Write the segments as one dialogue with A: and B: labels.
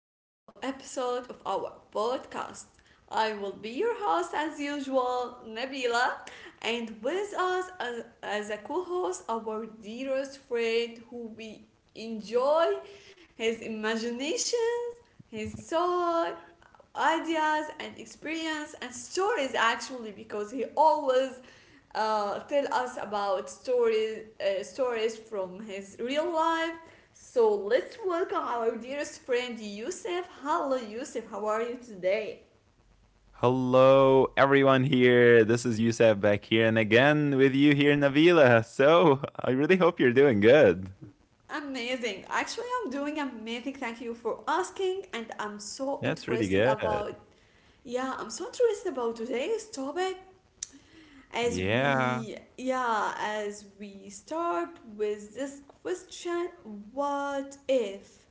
A: to a new episode of our podcast. I will be your host, as usual, Nabila, and with us as a co host, our dearest friend who we enjoy his imagination, his thought, ideas, and experience and stories, actually, because he always tell us about stories from his real life. So let's welcome our dearest friend Yusuf. Hello, Yusuf. How are you today?
B: Hello, everyone here. This is Youssef back here, and again with you here, in Navila. So I really hope you're doing good.
A: Amazing. Actually, I'm doing amazing. Thank you for asking, and I'm so
B: That's really good.
A: interested about yeah, I'm so interested about today's topic.
B: Yeah.
A: Yeah, as we start with this question, what if,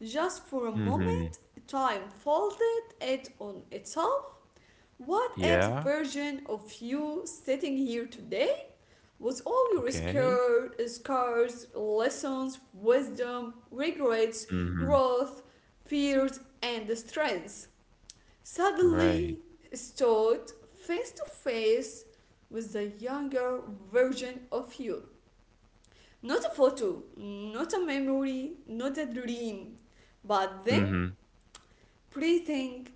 A: just for a
B: Mm-hmm.
A: moment, time folded it on itself? What if the
B: Yeah.
A: version of you sitting here today was all your
B: Okay.
A: scared, scars, lessons, wisdom, regrets,
B: Mm-hmm.
A: growth, fears, and strengths,
B: Right.
A: suddenly stood face to face with the younger version of you? Not a photo, not a memory, not a dream, but them
B: Mm-hmm.
A: breathing,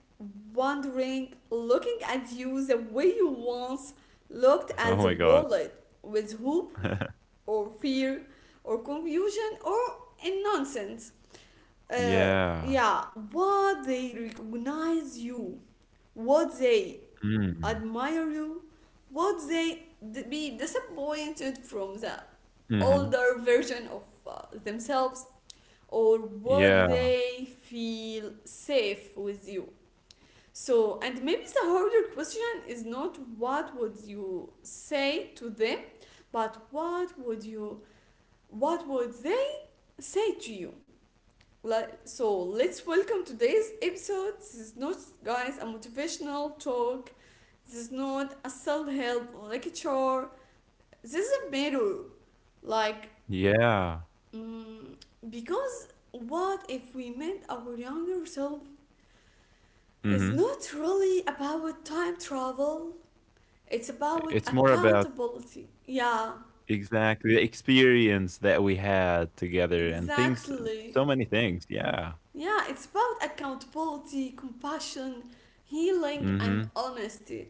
A: wondering, looking at you the way you once looked
B: Oh
A: at the
B: my God.
A: world with hope or fear or confusion or in nonsense. Uh,
B: Yeah.
A: yeah, what they recognize you, what they
B: Mm.
A: admire you, would they be disappointed from the
B: Mm-hmm.
A: older version of themselves, or would
B: Yeah.
A: they feel safe with you? So, and maybe the harder question is not what would you say to them, but what would they say to you? Like, so let's welcome today's episode. This is not, guys, a motivational talk. This is not a self help lecture. This is a mirror. Like,
B: Yeah.
A: mm, because what if we met our younger self? It's
B: Mm-hmm.
A: not really about time travel, it's about
B: It's more about
A: accountability. Yeah,
B: exactly the experience that we had together and things,
A: exactly.
B: so many things. Yeah.
A: Yeah, it's about accountability, compassion, healing, and
B: Mm-hmm.
A: honesty.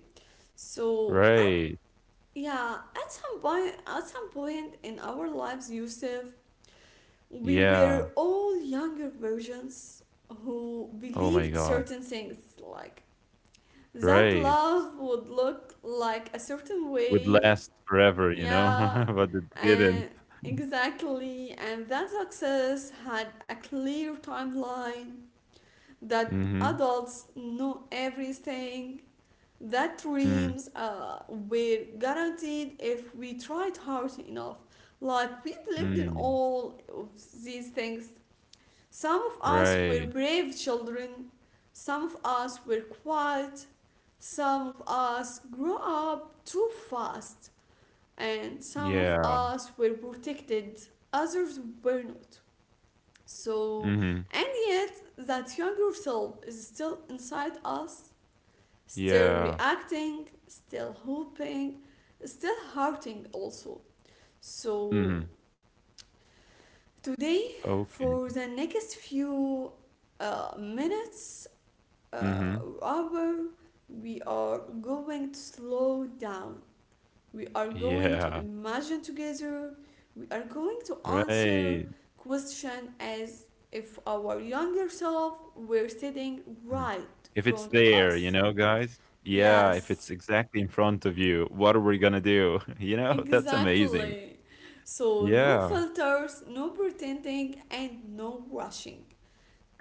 A: So,
B: Right.
A: yeah, at some point in our lives, Yusuf, we
B: Yeah.
A: were all younger versions who
B: Oh my
A: believed
B: god.
A: certain things, like that
B: Right.
A: love would look like a certain
B: Would
A: way,
B: last forever, you know,
A: yeah,
B: but it didn't.
A: and exactly, and that success had a clear timeline, that
B: Mhm.
A: adults know everything, that
B: Mm.
A: dreams were guaranteed if we tried hard enough, like we believed in
B: Mm.
A: all of these things. Some of us were
B: Right.
A: brave children, some of us were quiet, some of us grew up too fast, and some of
B: Yeah.
A: us were protected, others were not. So,
B: Mhm.
A: and yet, that younger self is still inside us, still
B: Yeah.
A: reacting, still hoping, still hurting also.
B: Mhm.
A: So, today,
B: Okay.
A: for the next few minutes,
B: Mhm.
A: hour, we are going to slow down. We are going to
B: Yeah.
A: imagine together. We are going to answer
B: Right.
A: question as if our younger self were sitting
B: Mhm.
A: right in
B: If it's
A: front of
B: there, you
A: us.
B: know, guys. Yeah, if it's
A: Yes,
B: exactly in front of you, what are we gonna do? You know, that's amazing.
A: exactly. So no
B: Yeah.
A: filters, no pretending, and no rushing.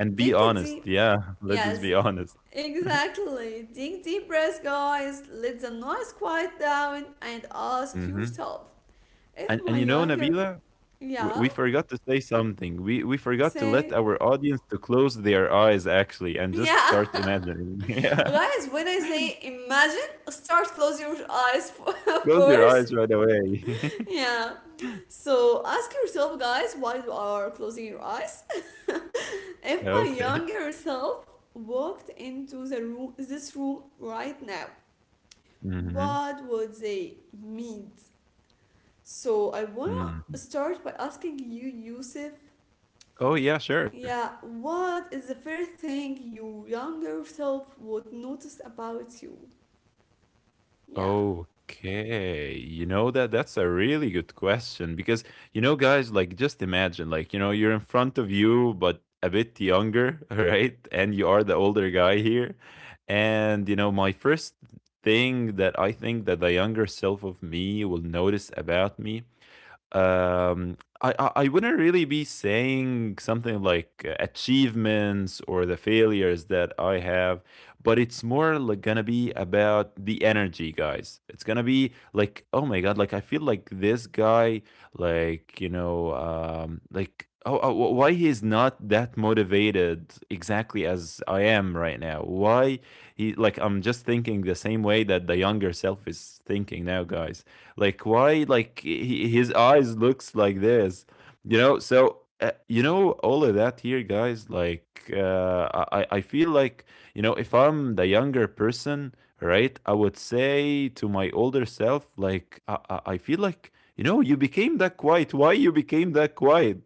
B: And be
A: Take a
B: honest.
A: deep
B: Yeah. Let's just
A: Yes,
B: be honest.
A: exactly. Take deep breaths, guys. Let the noise quiet down and ask
B: Hmm.
A: yourself, if
B: And
A: my
B: and you know,
A: younger,
B: Nabila,
A: yeah,
B: we forgot to say something. We forgot to let
A: say,
B: our audience to close their eyes actually and just
A: yeah.
B: start imagining. Yeah.
A: Guys, when I say imagine, start close your eyes, of
B: Close your
A: course.
B: eyes right away.
A: Yeah. So ask yourself, guys, while you are closing your eyes, if my
B: Okay.
A: younger self walked into the room, this room right now,
B: Hmm.
A: what would they meet? So I wanna
B: Hmm.
A: start by asking you, Yusuf.
B: Oh yeah, sure.
A: Yeah, what is the first thing your younger self would notice about you? Yeah.
B: Okay. You know that's a really good question because you know, guys, like, just imagine, like, you know, you're in front of you but a bit younger, right? And you are the older guy here. And you know my first thing that I think that the younger self of me will notice about me, I wouldn't really be saying something like achievements or the failures that I have, but it's more like gonna be about the energy, guys. It's gonna be like, oh my god, like I feel like this guy, like, you know, like, oh why he is not that motivated exactly as I am right now. Why he, like, I'm just thinking the same way that the younger self is thinking now, guys. Like why? Like he, his eyes looks like this, you know. So, you know, all of that here, guys. Like, I feel like, you know, if I'm the younger person, right? I would say to my older self, like, I feel like, you know, you became that quiet. Why you became that quiet?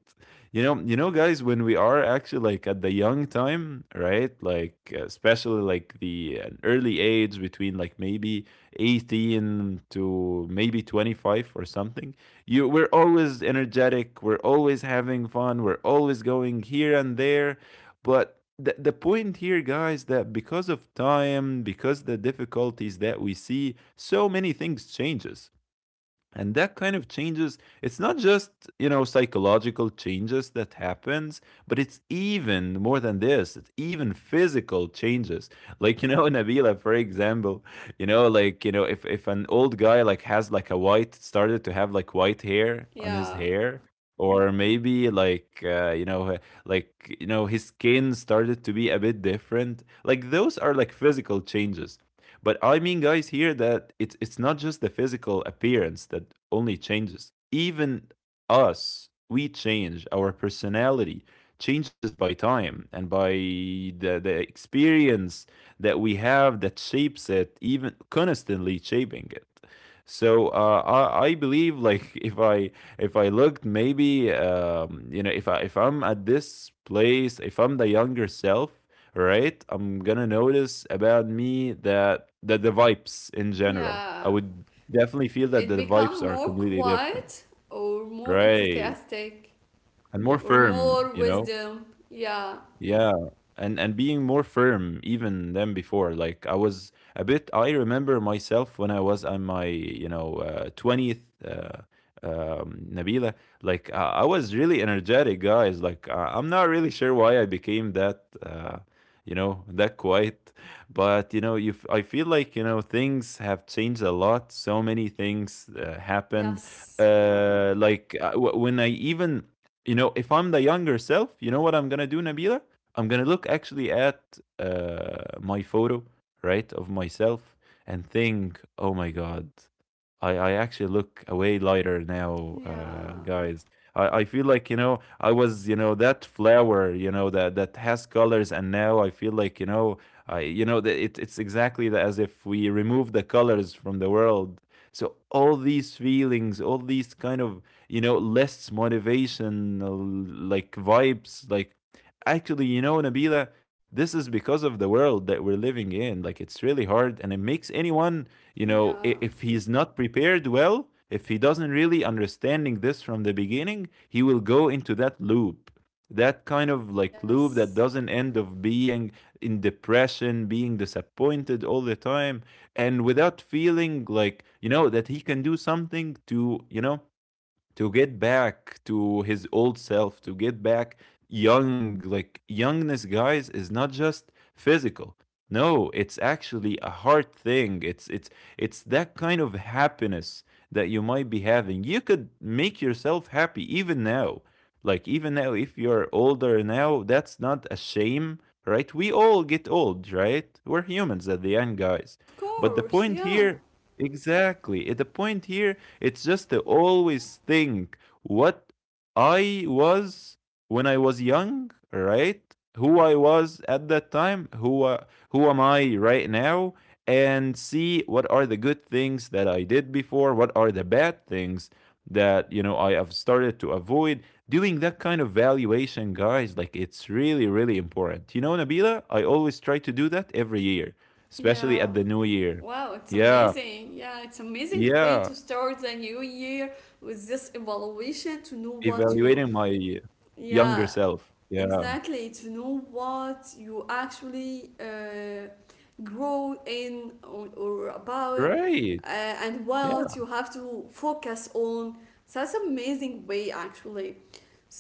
B: You know, you know, guys, when we are actually like at the young time, right, like, especially like the an early age between like maybe 18 to maybe 25 or something, you, we're always energetic, we're always having fun, we're always going here and there. But the point here, guys, that because of time, because the difficulties that we see, so many things changes. And that kind of changes, it's not just, you know, psychological changes that happens, but it's even more than this. It's even physical changes, like, you know, Nabila, for example, you know, like, you know, if an old guy like has like a white, started to have like white hair on his
A: Yeah,
B: hair, or maybe like, you know, like, you know, his skin started to be a bit different. Like those are like physical changes. But I mean, guys, here, that it's not just the physical appearance that only changes. Even us, we change. Our personality changes by time and by the experience that we have that shapes it, even constantly shaping it. So, I believe like if I looked maybe you know, if I'm at this place, if I'm the younger self, right, I'm gonna notice about me that the vibes in general,
A: yeah.
B: I would definitely feel that
A: It
B: the vibes
A: become
B: are
A: more
B: completely different,
A: quiet, or more
B: right,
A: enthusiastic,
B: and more
A: or
B: firm,
A: more
B: you know.
A: wisdom. Yeah,
B: Yeah, and being more firm even than before. Like I was a bit. I remember myself when I was on my, you know, 20th. 20th, Nabila, like, I was really energetic, guys. Like, I'm not really sure why I became that, you know, that quiet. But you know, I feel like, you know, things have changed a lot. So many things happened.
A: yes, yeah,
B: Like, when I even, you know, if I'm the younger self, you know what I'm gonna do, Nabila? I'm gonna look actually at my photo, right, of myself, and think, oh my god, I actually look way lighter now,
A: yeah,
B: guys. I feel like, you know, I was, you know, that flower, you know, that has colors. And now I feel like, you know, I, you know, that it's exactly the, as if we remove the colors from the world. So all these feelings, all these kind of, you know, less motivational like vibes, like actually, you know, Nabila, this is because of the world that we're living in. Like it's really hard, and it makes anyone, you know,
A: yeah,
B: if he's not prepared well, if he doesn't really understanding this from the beginning, he will go into that loop, that kind of like loop
A: yes.
B: that doesn't end of being in depression, being disappointed all the time, and without feeling like, you know, that he can do something to, you know, to get back to his old self, to get back young. Like, youngness, guys, is not just physical. No, it's actually a hard thing. It's it's that kind of happiness that you might be having. You could make yourself happy even now. Like even now, if you're older now, that's not a shame, right? We all get old, right? We're humans at the end, guys.
A: Of
B: But the
A: course,
B: point
A: yeah,
B: here, exactly. At the point here, it's just to always think what I was when I was young, right? Who I was at that time, who, who am I right now, and see what are the good things that I did before, what are the bad things that, you know, I have started to avoid. Doing that kind of valuation, guys, like it's really really important. You know, Nabila, I always try to do that every year,
A: yeah.
B: especially at the new year.
A: Wow, it's
B: Yeah,
A: amazing. Yeah, it's amazing way to
B: yeah,
A: start the new year with this evaluation to know what you
B: evaluating my younger
A: yeah,
B: self. Yeah.
A: exactly, to know what you actually grow in, or about,
B: Great.
A: and
B: Yeah.
A: what you have to focus on. So that's amazing way actually.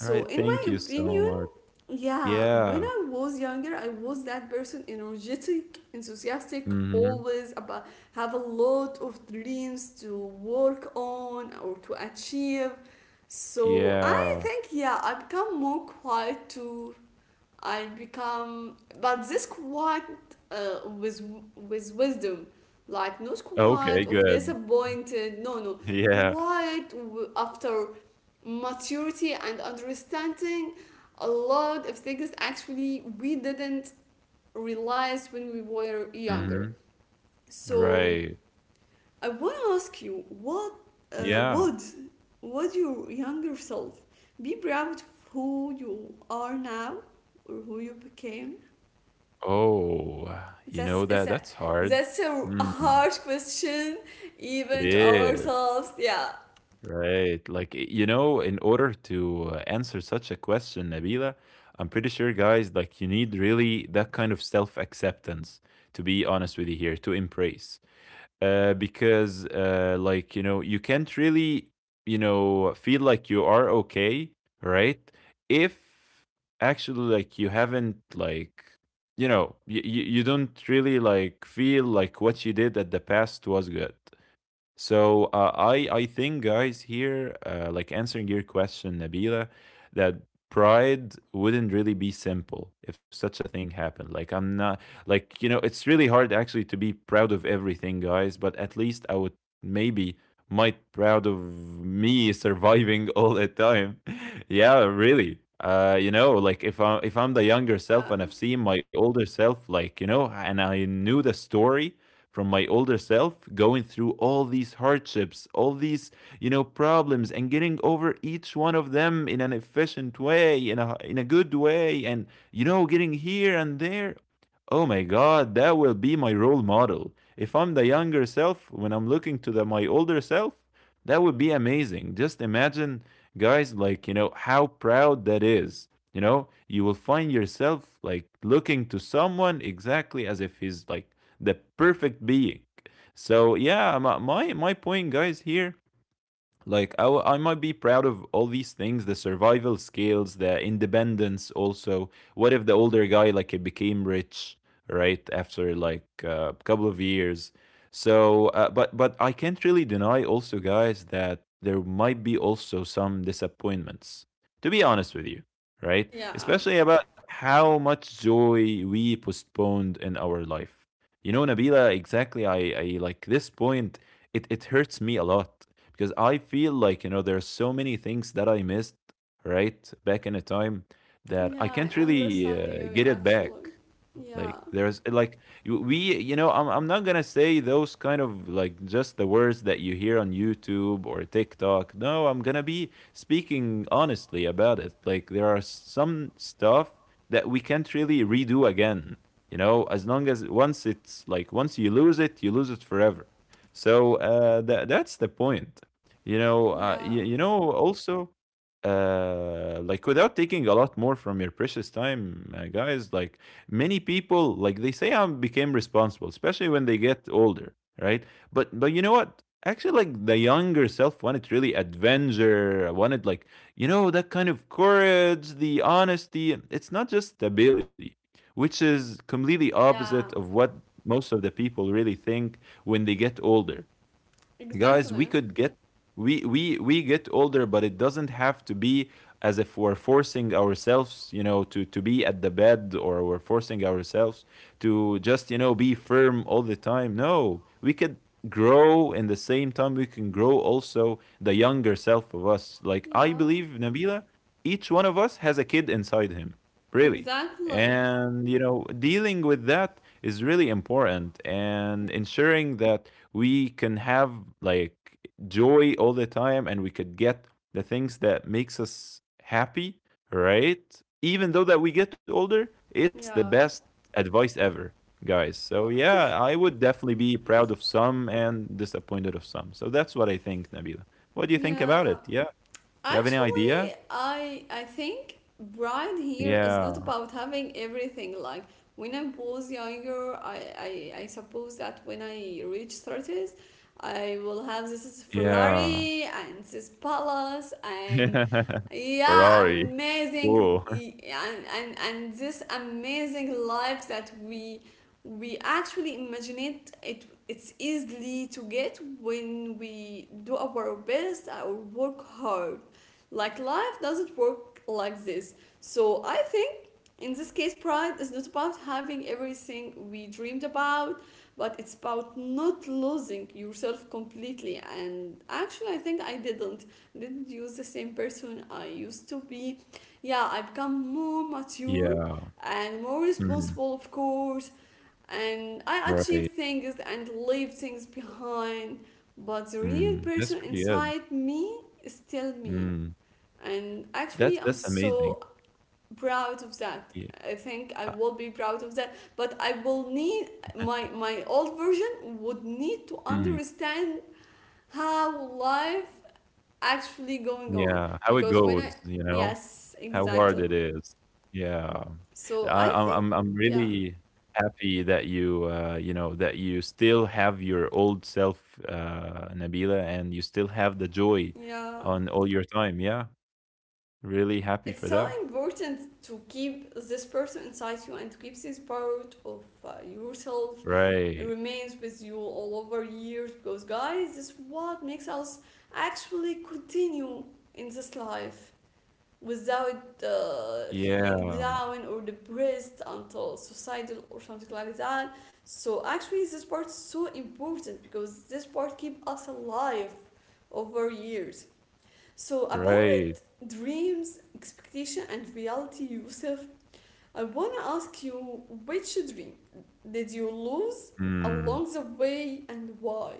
B: All right.
A: in my
B: Thank you so
A: opinion,
B: much.
A: yeah, when
B: Yeah.
A: I was younger, I was that person, energetic, enthusiastic,
B: Mhm.
A: always about have a lot of dreams to work on or to achieve. So I
B: Yeah.
A: think, yeah, I become more quiet too. I become, but this quiet, uh, with with wisdom, like not
B: Okay,
A: quiet of
B: good.
A: disappointed. No, no,
B: Yeah.
A: quiet after maturity and understanding a lot of things actually we didn't realize when we were younger.
B: Mhm.
A: So
B: Right.
A: I want to ask you, what uh,
B: Yeah.
A: would would your younger self be proud of who you are now or who you became?
B: Oh, you
A: That's
B: know
A: is
B: that
A: a
B: that's hard.
A: that's a
B: Mm,
A: hard question,
B: it
A: even to
B: is.
A: ourselves. Yeah,
B: Right. Like, you know, in order to answer such a question, Nabila, I'm pretty sure, guys, like, you need really that kind of self acceptance, to be honest with you here, to embrace. Because, like, you know, you can't really, you know, feel like you are okay, right? If actually, like, you haven't, like, you know, you don't really, like, feel like what you did at the past was good. So, I think, guys, here, like answering your question, Nabila, that pride wouldn't really be simple if such a thing happened. Like I'm not, like, you know, it's really hard actually to be proud of everything, guys, but at least I would maybe might proud of me surviving all the time. Yeah, really, you know, like if I'm the younger
A: yeah,
B: self and I've seen my older self, like, you know, and I knew the story from my older self going through all these hardships, all these, you know, problems, and getting over each one of them in an efficient way, in a good way, and you know, getting here and there. Oh my God, that will be my role model. If I'm the younger self, when I'm looking to my older self, that would be amazing. Just imagine, guys, like, you know, how proud that is. You know, you will find yourself like looking to someone exactly as if he's like the perfect being. So, yeah, my point, guys, here, like I might be proud of all these things, the survival skills, the independence. Also, what if the older guy, like, it became rich right after like a couple of years? So but I can't really deny also, guys, that there might be also some disappointments, to be honest with you, right?
A: yeah.
B: Especially about how much joy we postponed in our life. You know, Nabila, exactly, I like this point. It hurts me a lot because I feel like, you know, there are so many things that I missed, right, back in a time, that I
A: Yeah,
B: can't
A: I
B: really
A: understand you
B: get it back.
A: actually.
B: Like
A: Yeah,
B: there's like we, you know, I'm not gonna say those kind of like just the words that you hear on YouTube or TikTok. No, I'm gonna be speaking honestly about it. Like there are some stuff that we can't really redo again, you know? As long as, once it's like, once you lose it, you lose it forever. So that's the point, you know?
A: yeah,
B: You, you know also like, without taking a lot more from your precious time, guys, like many people, like they say I became responsible, especially when they get older, right? But you know what? Actually, like the younger self wanted really adventure, wanted like, you know, that kind of courage, the honesty. It's not just stability, which is completely opposite
A: yeah,
B: of what most of the people really think when they get older. Guys,
A: exactly.
B: we could get we get older, but it doesn't have to be as if we're forcing ourselves, you know, to be at the bed, or we're forcing ourselves to just, you know, be firm all the time. No, we could grow. In the same time, we can grow also the younger self of us. Like, I
A: Yeah,
B: believe, Nabila, each one of us has a kid inside him, really.
A: exactly.
B: And you know, dealing with that is really important,
A: Yeah,
B: and ensuring that we can have, like, joy all the time, and we could get the things that makes us happy, right? Even though that we get older, it's the
A: yeah.
B: best advice ever, guys. So
A: Wha-
B: yeah, I would definitely be proud of some and disappointed of some. So that's what I think, Nabila. What do you think about
A: yeah.
B: it? Yeah, you have any idea?
A: Actually, I think pride here is not
B: Yeah.
A: about having everything. Like when I was younger, I suppose that when I reach thirties, I will have this is
B: Yeah.
A: Ferrari and this palace and, yeah,
B: Ferrari.
A: amazing,
B: Cool.
A: and and this amazing life that we actually imagine it, it's easily to get when we do our best or work hard, like life doesn't work like this. So I think in this case, pride is not about having everything we dreamed about, but it's about not losing yourself completely. And actually, I think I didn't. I didn't use the same person I used to be. Yeah, I become more mature
B: Yeah.
A: and more
B: Mhm.
A: responsible, of course. And I
B: Right.
A: achieved things and leave things behind. But the real
B: Mm, that's
A: person
B: pretty good.
A: inside me is still me,
B: Mm.
A: and actually I'm
B: That's amazing.
A: so proud of that.
B: Yeah,
A: I think
B: uh,
A: I will be proud of that, but I will need, my old version would need to
B: mhm,
A: understand how life actually going on,
B: yeah, how it
A: because when I
B: goes, you know,
A: yes
B: how hard
A: exactly.
B: it is. Yeah,
A: So
B: I
A: I think,
B: I'm
A: yeah,
B: really happy that you, you know, that you still have your old self, Nabila, and you still have the joy
A: yeah.
B: on all your time. Yeah, really happy
A: It's
B: for
A: so
B: that.
A: important to keep this person inside you and to keep this part of yourself
B: Right.
A: remains with you all over years, because, guys, this is what makes us actually continue in this life without feeling
B: Yeah,
A: down or depressed until suicidal or something like that. So actually this part is so important because this part keep us alive over years. So about
B: right.
A: dreams, expectation, and reality, Yusuf, I wanna ask you, which dream did you lose
B: Hmm.
A: along the way and why?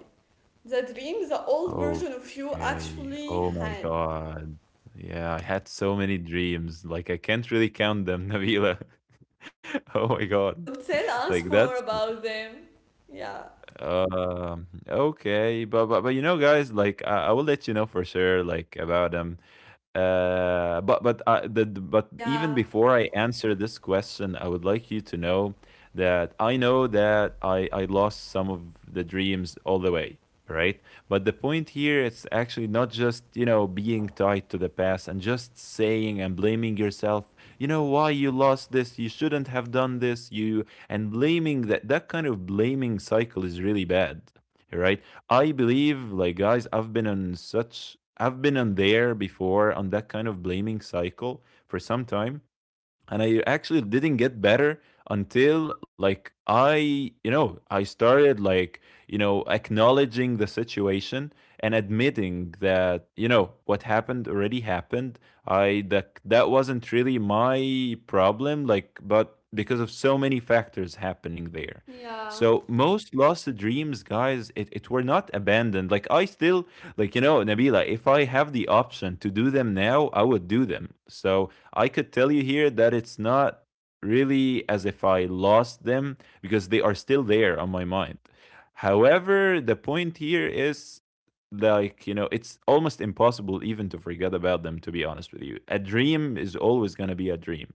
A: The dream the old version of you
B: Okay.
A: actually
B: Oh my
A: had.
B: God. Yeah, I had so many dreams. Like I can't really count them, Nabila. Oh my God.
A: So tell us
B: Like
A: more
B: that's
A: about them. Yeah.
B: okay, but you know, guys, like I will let you know for sure, like about them. But but even
A: Yeah.
B: before I answer this question, I would like you to know that I know that I lost some of the dreams all the way, right? But the point here is actually not just, you know, being tied to the past and just saying and blaming yourself. You know, why you lost this? You shouldn't have done this. You, and blaming, that kind of blaming cycle is really bad, right? I believe, like, guys, I've been on there before, on that kind of blaming cycle for some time, and I actually didn't get better until like you know, I started like, you know, acknowledging the situation and admitting that, you know, what happened already happened. I That wasn't really my problem, like, but because of so many factors happening there.
A: Yeah.
B: So most lost dreams, guys, it were not abandoned. Like I still, like, you know, Nabila, if I have the option to do them now, I would do them. So I could tell you here that it's not really as if I lost them, because they are still there on my mind. However, the point here is, like, you know, it's almost impossible even to forget about them, to be honest with you. A dream is always going to be a dream.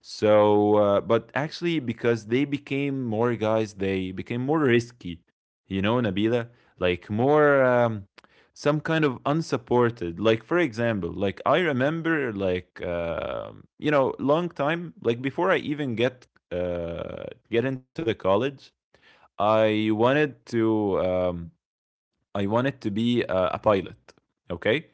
B: So, but actually, because they became more, guys, they became more risky, you know, Nabila, like more some kind of unsupported. Like, for example, like I remember, like, you know, long time, like before I even get into the college, I wanted to um, I wanted to be a pilot, okay?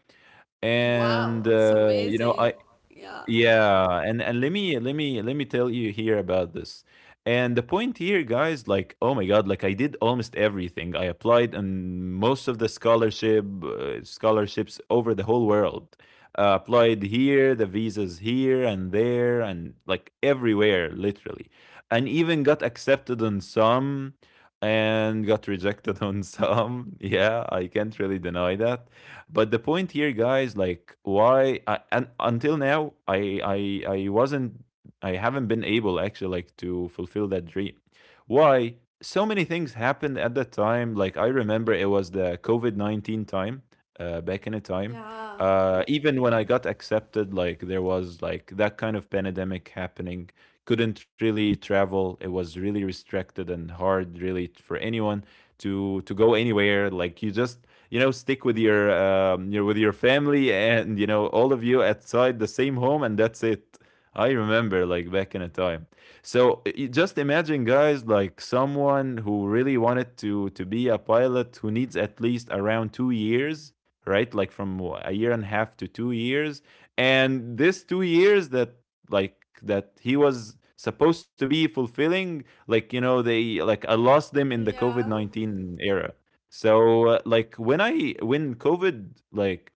B: and
A: Wow, it's
B: you know
A: amazing. Yeah.
B: Yeah, and let me tell you here about this. And the point here, guys, like, oh my god, like I did almost everything. I applied on most of the scholarship scholarships over the whole world. Applied here, the visas here and there, and like everywhere, literally. And even got accepted on some, and got rejected on some. Yeah, I can't really deny that. But the point here, guys, like why and until now, I wasn't I haven't been able actually like to fulfill that dream. Why? So many things happened at that time. Like I remember it was the COVID 19 time, back in a time.
A: Yeah.
B: Even when I got accepted, like there was like that kind of pandemic happening. Couldn't really travel. It was really restricted and hard, really, for anyone to go anywhere. Like you just, you know, stick with your you know, with your family, and you know, all of you outside the same home, and that's it. I remember, like, back in a time. So just imagine, guys, like someone who really wanted to be a pilot who needs at least around 2 years, right? Like from a year and a half to 2 years. And this 2 years that, like, that he was supposed to be fulfilling, like, you know, they, like I lost them in the COVID
A: Yeah.
B: 19 era. So like when I when COVID, like,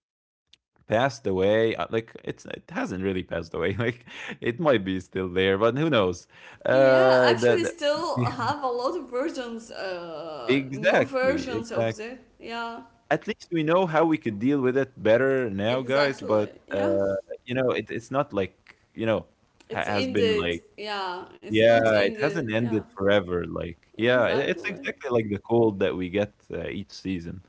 B: passed away, like it's it hasn't really passed away. Like it might be still there, but who knows?
A: Yeah,
B: Uh,
A: actually
B: the,
A: still
B: yeah,
A: have a lot of versions, new
B: exactly,
A: versions of
B: exactly.
A: that. Yeah.
B: At least we know how we could deal with it better now, guys.
A: Exactly.
B: But
A: Yeah.
B: you know, it's not like, you know,
A: It's
B: has been
A: ended.
B: like,
A: Yeah. It's not
B: yeah, it hasn't
A: ended. Yeah.
B: ended forever, like, yeah, I it's
A: Exactly.
B: exactly like the cold that we get, each season.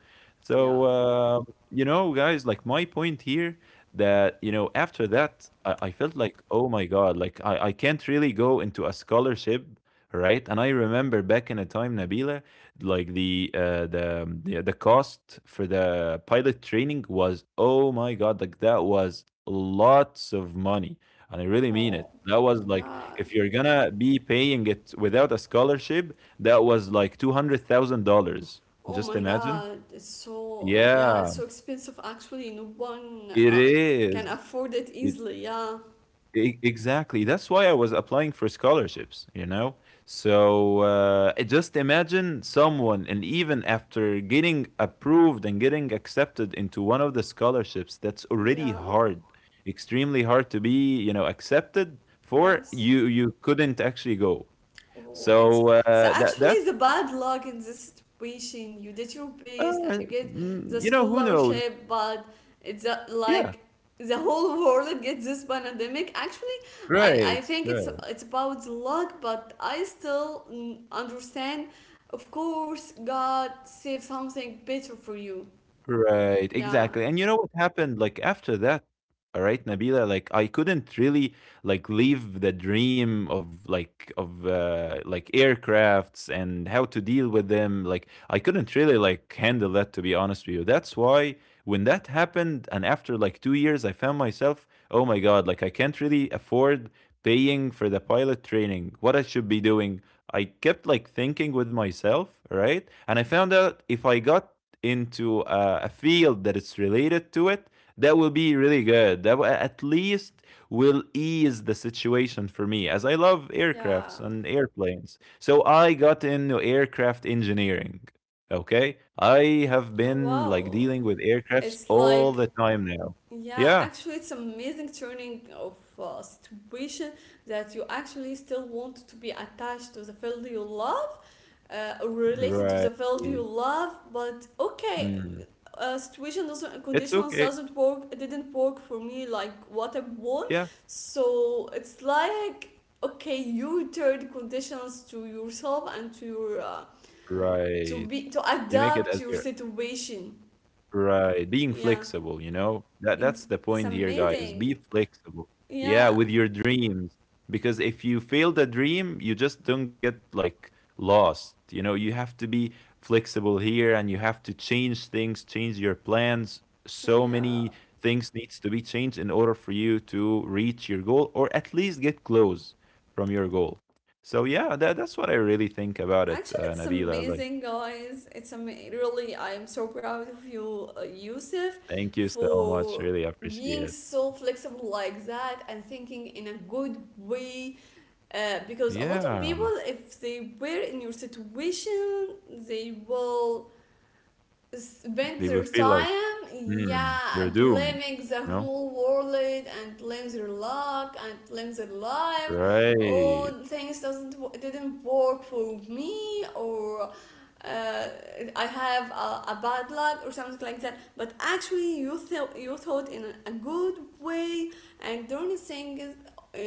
A: Yeah.
B: So, you know, guys, like, my point here, that, you know, after that, I felt like, "Oh my god," like, I can't really go into a scholarship, right? And I remember back in a time, Nabila, like, the the cost for the pilot training was, oh my god, like, that was lots of money, and I really mean it.
A: Oh.
B: That was like,
A: Yeah.
B: if you're gonna be paying it without a scholarship, that was like $200,000.
A: Oh
B: Just
A: my
B: imagine.
A: God. It's so. Yeah. It's
B: Yeah,
A: so expensive. Actually, no one
B: it
A: can
B: is.
A: afford it
B: It,
A: easily. Yeah.
B: exactly. That's why I was applying for scholarships, you know? So I just imagine someone, and even after getting approved and getting accepted into one of the scholarships, that's already
A: Yeah.
B: hard, extremely hard to be, you know, accepted for,
A: Yes.
B: you couldn't actually go.
A: Oh, it's
B: So
A: so
B: that's
A: actually the bad luck in this situation. You did your best and you get the
B: You know, who knows?
A: scholarship, but
B: Yeah,
A: like the whole world gets this pandemic. Actually, I
B: right,
A: I think it's
B: right,
A: it's about luck, but I still, understand. Of course, God save something better for you.
B: right,
A: Yeah.
B: exactly. And you know what happened, like, after that, all right, Nabila, like, I couldn't really like leave the dream of like aircrafts and how to deal with them. Like, I couldn't really like handle that, to be honest with you. That's why when that happened, and after like 2 years, I found myself, oh my god, like I can't really afford paying for the pilot training. What I should be doing, I kept like thinking with myself, right? And I found out, if I got into a field that is related to it, that will be really good. That will, at least, will ease the situation for me, as I love
A: Yeah.
B: aircrafts and airplanes. So I got into aircraft engineering. Okay, I have
A: Oh,
B: been like
A: wow.
B: dealing with aircrafts
A: It's
B: all
A: like
B: the time now.
A: Yeah,
B: Yeah,
A: actually, it's amazing turning of situation that you actually still want to be attached to the field you love, or related to
B: right.
A: the field you love. But okay,
B: Mm.
A: situation doesn't
B: It's
A: conditions
B: okay.
A: doesn't work. It didn't work for me like what I want.
B: Yeah,
A: So it's like, okay, you turn conditions to yourself and to your,
B: right.
A: to
B: You make it
A: adapt
B: as
A: your
B: your
A: situation.
B: right, being
A: Yeah,
B: flexible, you know? That
A: ex-
B: that's the
A: it's
B: point here, guys.
A: amazing.
B: Be flexible. Yeah,
A: Yeah,
B: with your dreams. Because if you fail the dream, you just don't get like lost. You know, you have to be flexible here, and you have to change things, change your plans. So
A: yeah,
B: many things needs to be changed in order for you to reach your goal, or at least get close from your goal. So yeah, that's what I really think about it,
A: actually, it's
B: Nabila. Like,
A: amazing, guys. It's really. I am so proud of you, Yusuf,
B: thank you so much.
A: for
B: Really appreciate
A: being
B: it.
A: so flexible like that and thinking in a good way. Because a lot of
B: Yeah.
A: people, if they were in your situation, they will spend
B: They will
A: their
B: feel like,
A: time,
B: "Mm, they're
A: yeah,
B: doomed,"
A: blaming the
B: you know?
A: whole world and blame their luck and blame their life.
B: Right.
A: Oh, things doesn't w- didn't work for me, or uh, I have a bad luck or something like that. But actually you thought in a good way, and don't think uh,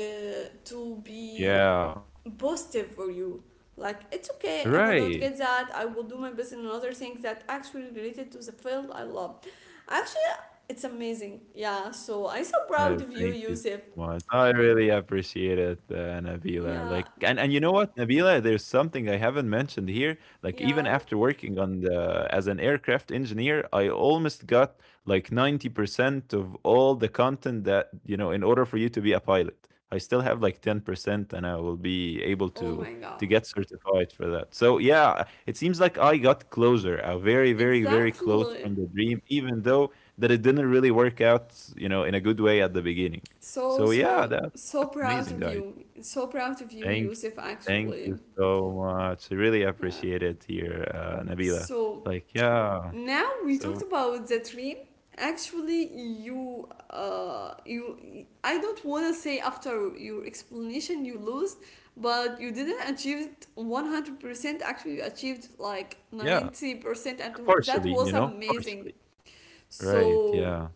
A: to be
B: Yeah.
A: positive for you. Like, it's okay if I
B: Right.
A: don't get that, I will do my best in another thing that actually related to the field I love. Actually it's amazing, yeah, so I'm so
B: Right,
A: proud of you,
B: thank you so
A: Yusuf.
B: much. I really appreciate it, Nabila.
A: Yeah,
B: Like, and you know what, Nabila, there's something I haven't mentioned here. Like, even
A: yeah.
B: after working on the as an aircraft engineer, I almost got like 90% of all the content that, you know, in order for you to be a pilot. I still have like 10%, and I will be able
A: Oh my god.
B: to get certified for that. So, yeah, it seems like I got closer, very very very close
A: Exactly.
B: from the dream, even though that it didn't really work out, you know, in a good way at the beginning.
A: So
B: So yeah,
A: so so
B: that's
A: proud
B: amazing,
A: of
B: guys.
A: you. So proud of you,
B: Thank
A: Yusuf,
B: thank
A: actually.
B: you so much. I really
A: Yeah.
B: appreciate it here, Nabila.
A: So
B: Like yeah,
A: now we talked
B: so
A: about the dream, actually you, I don't want to say after your explanation you lost, but you didn't achieve it 100% actually. You achieved like
B: yeah,
A: 90%, and that
B: partially, you
A: was
B: know,
A: amazing.
B: partially. Right.
A: So
B: Yeah.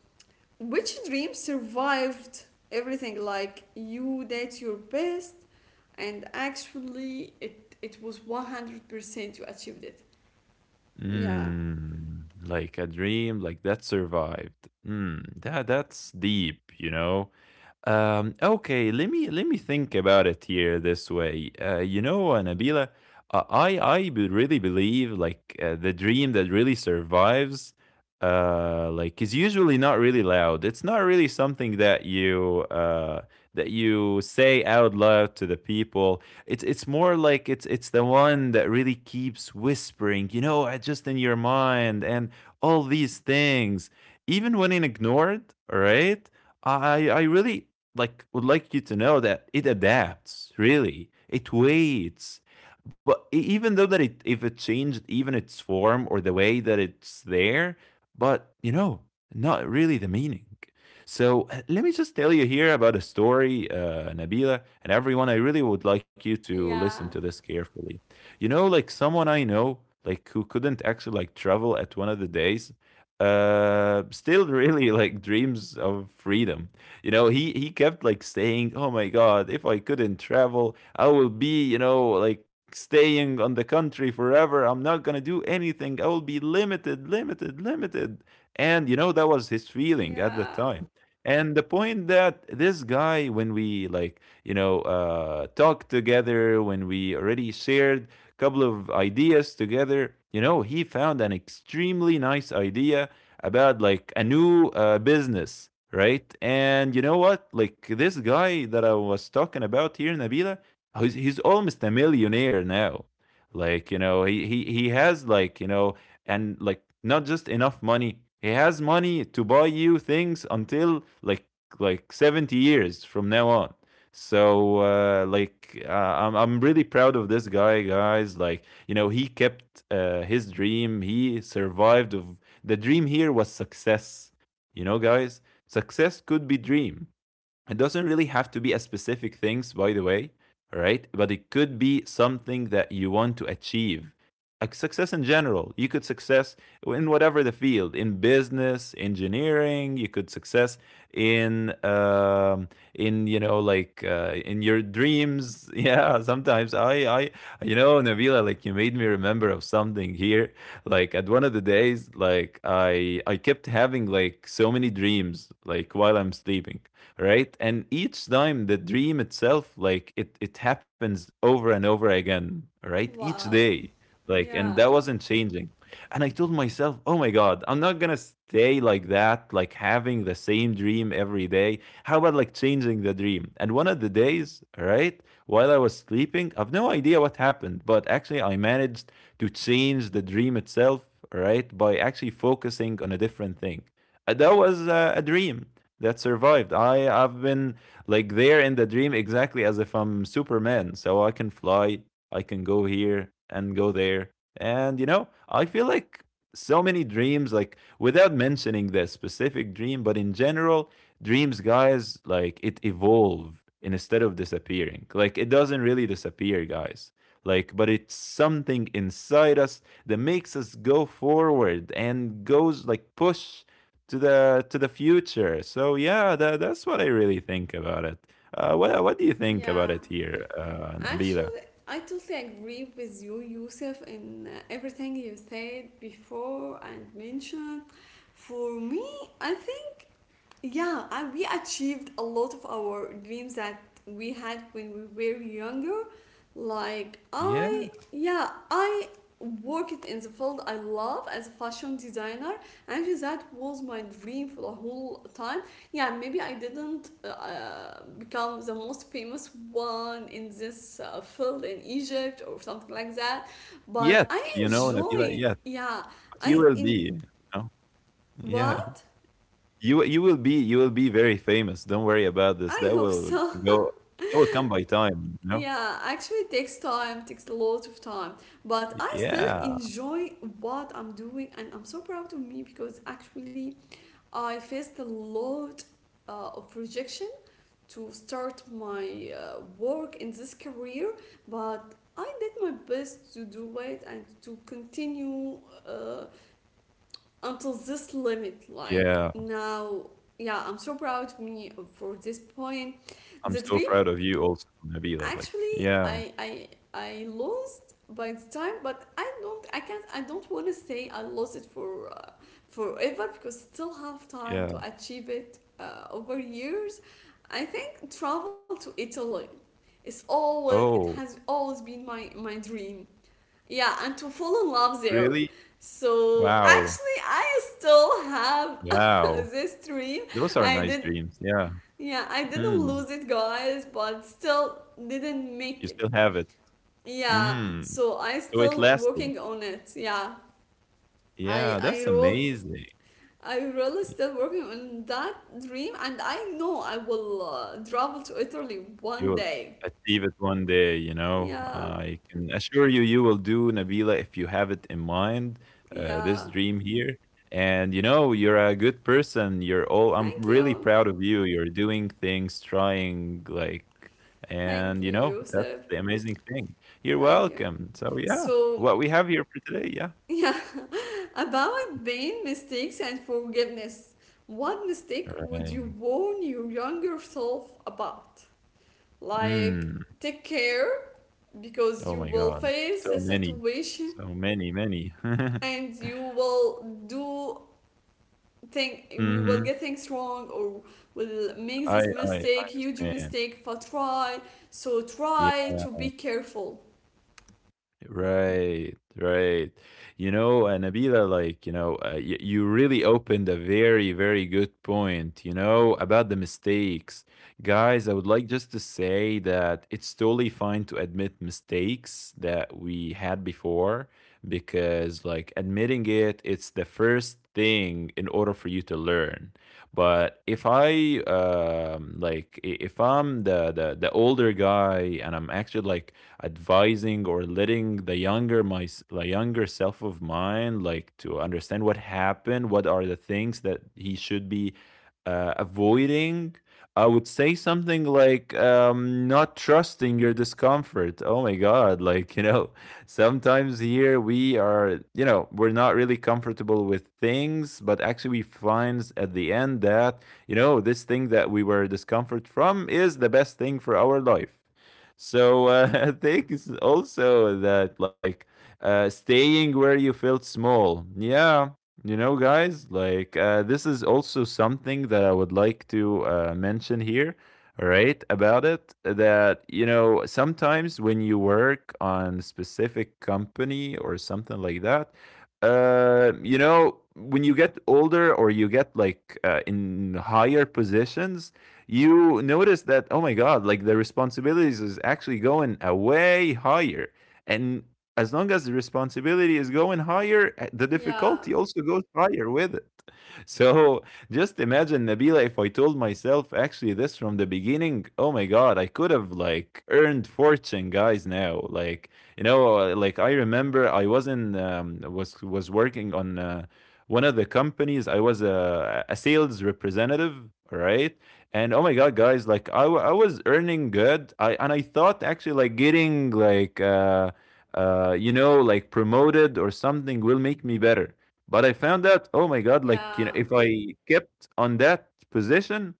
A: which dream survived everything? Like, you did your best, and actually it was 100%. You achieved it, yeah,
B: Mm, like a dream like that survived. Mm, that that's deep, you know. Okay, let me think about it here this way. You know, Nabila, I really believe like the dream that really survives, like, is usually not really loud. It's not really something that you say out loud to the people. It's more like it's the one that really keeps whispering, you know, just in your mind and all these things, even when ignored. All right, I really would like you to know that it adapts. Really, it waits. But even though that it if it changed even its form or the way that it's there, but you know, not really the meaning. So let me just tell you here about a story, Nabila, and everyone. I really would like you to
A: yeah,
B: listen to this carefully. You know, like someone I know, like who couldn't actually like travel at one of the days, still really like dreams of freedom. You know, he kept like saying, "Oh my God, if I couldn't travel, I will be, you know, like, staying on the country forever. I'm not going to do anything. I will be limited, limited, limited." And you know that was his feeling at the
A: yeah.
B: time. And the point that this guy, when we like, you know, talked together, when we already shared a couple of ideas together, you know, he found an extremely nice idea about like a new business, right? And you know what? Like this guy that I was talking about here, Nabila, he's almost a millionaire now. Like, you know, he has like, you know, and like not just enough money. He has money to buy you things until like 70 years from now on. So like I'm really proud of this guy, guys. Like you know he kept his dream. He survived. Of the dream here was success. You know, guys, success could be dream. It doesn't really have to be a specific things, by the way, right? But it could be something that you want to achieve. Like success in general. You could success in whatever the field, in business, engineering. You could success in um, in you know like in your dreams. Yeah, sometimes I you know Nabila like you made me remember of something here. Like at one of the days, like I kept having like so many dreams like while I'm sleeping, right? And each time the dream itself like it happens over and over again, right, each
A: Wow.
B: day, like. And
A: Yeah.
B: that wasn't changing. And I told myself, oh my god, I'm not gonna stay like that, like having the same dream every day. How about like changing the dream? And one of the days, right, while I was sleeping, I've no idea what happened, but actually I managed to change the dream itself, right, by actually focusing on a different thing. And that was a dream that survived. I've been like there in the dream exactly as if I'm Superman. So I can fly, I can go here and go there. And you know, I feel like so many dreams like without mentioning this specific dream, but in general, dreams guys like it evolve instead of disappearing. Like it doesn't really disappear, guys. Like but it's something inside us that makes us go forward and goes like push to the future. So yeah, that's what I really think about it. What do you think
A: Yeah.
B: about it here, Nabila?
A: Actually, I totally agree with you, Yusuf, in everything you said before and mentioned. For me, I think Yeah, and we achieved a lot of our dreams that we had when we were younger.
B: Yeah,
A: Yeah, I worked in the field I love as a fashion designer. Actually, that was my dream for the whole time. Yeah, maybe I didn't become the most famous one in this field in Egypt or something like that, but
B: yet
A: I
B: you know, Nabila,
A: enjoy.
B: yet
A: Yeah,
B: but you
A: I
B: will
A: in
B: be. You know? Yeah,
A: what?
B: you will be, you will be very famous. Don't worry about this.
A: I
B: That
A: hope
B: will
A: so.
B: go. That will come by time. You know.
A: Yeah, actually it takes time, takes a lot of time. But I still
B: Yeah,
A: enjoy what I'm doing, and I'm so proud of me because actually I faced a lot of rejection to start my work in this career, but I did my best to do it and to continue uh, until this limit. Like
B: yeah.
A: now, yeah, I'm so proud of me for this point
B: I'm
A: that
B: so
A: really.
B: proud of you, also, Nabila. Like,
A: Actually,
B: yeah,
A: I lost by the time, but I don't want to say I lost it for forever because still have time
B: yeah.
A: to achieve it over years. I think travel to Italy is always it
B: Oh,
A: has always been my dream. Yeah, and to fall in love there.
B: really?
A: So
B: Wow,
A: actually, I still have
B: wow.
A: this dream.
B: Those are
A: I
B: nice
A: did
B: dreams. Yeah.
A: yeah, I didn't
B: Mm.
A: lose it, guys, but still didn't make
B: You
A: it.
B: still have it.
A: Yeah,
B: Mm,
A: so I
B: so it
A: still
B: lasted.
A: working on it. Yeah,
B: Yeah,
A: I I
B: that's
A: roll
B: amazing.
A: I really
B: Y
A: still working on that dream, and I know I will travel to Italy one
B: You'll
A: day.
B: achieve it one day, you know?
A: Yeah,
B: I can assure you, you will do, Nabila, if you have it in mind, this
A: yeah.
B: dream here. And, you know, you're a good person. You're all I'm
A: Thank
B: really
A: you,
B: proud of you. You're doing things, trying, like,
A: thank
B: and, you
A: you,
B: know, that's
A: Yusuf.
B: the amazing thing. You're
A: Thank you.
B: welcome. So, yeah,
A: So
B: what we have here for today, yeah.
A: yeah, about pain, mistakes, and forgiveness. What mistake would you
B: Right.
A: warn your younger self about? Like,
B: Mm.
A: take care because you
B: Oh my
A: will
B: god.
A: face
B: So
A: a
B: many.
A: situation,
B: So many, many.
A: and you will do, think we will
B: Mhm.
A: get things wrong or will make
B: I
A: this
B: I
A: mistake,
B: I
A: huge
B: understand.
A: mistake, but try, so
B: Yeah.
A: try to be careful.
B: Right, right. You know, and Nabila, like, you know, you really opened a very, very good point, you know, about the mistakes. Guys, I would like just to say that it's totally fine to admit mistakes that we had before because, like, admitting it, it's the first thing in order for you to learn. But if I, like, if I'm the older guy and I'm actually like, advising or letting the younger self of mine like to understand what happened, what are the things that he should be avoiding. I would say something like not trusting your discomfort. Oh my God. Like, you know, sometimes here we are, you know, we're not really comfortable with things, but actually we find at the end that, you know, this thing that we were discomfort from is the best thing for our life. So I think it's also that like staying where you felt small. Yeah, you know, guys, like this is also something that I would like to mention here. All right, about it that you know sometimes when you work on a specific company or something like that, you know when you get older or you get like in higher positions, you notice that oh my god like the responsibilities is actually going a way higher. And as long as the responsibility is going higher, the
A: Yeah,
B: difficulty also goes higher with it. So just imagine Nabila, if I told myself actually this from the beginning, oh my god, I could have like earned fortune, guys, now. Like, you know, like I remember I was in was working on one of the companies. I was a sales representative, right? And oh my god guys, like I was earning good. I And I thought actually like getting like you know like promoted or something will make me better. But I found out oh my god, like you know
A: yeah,
B: if I kept on that position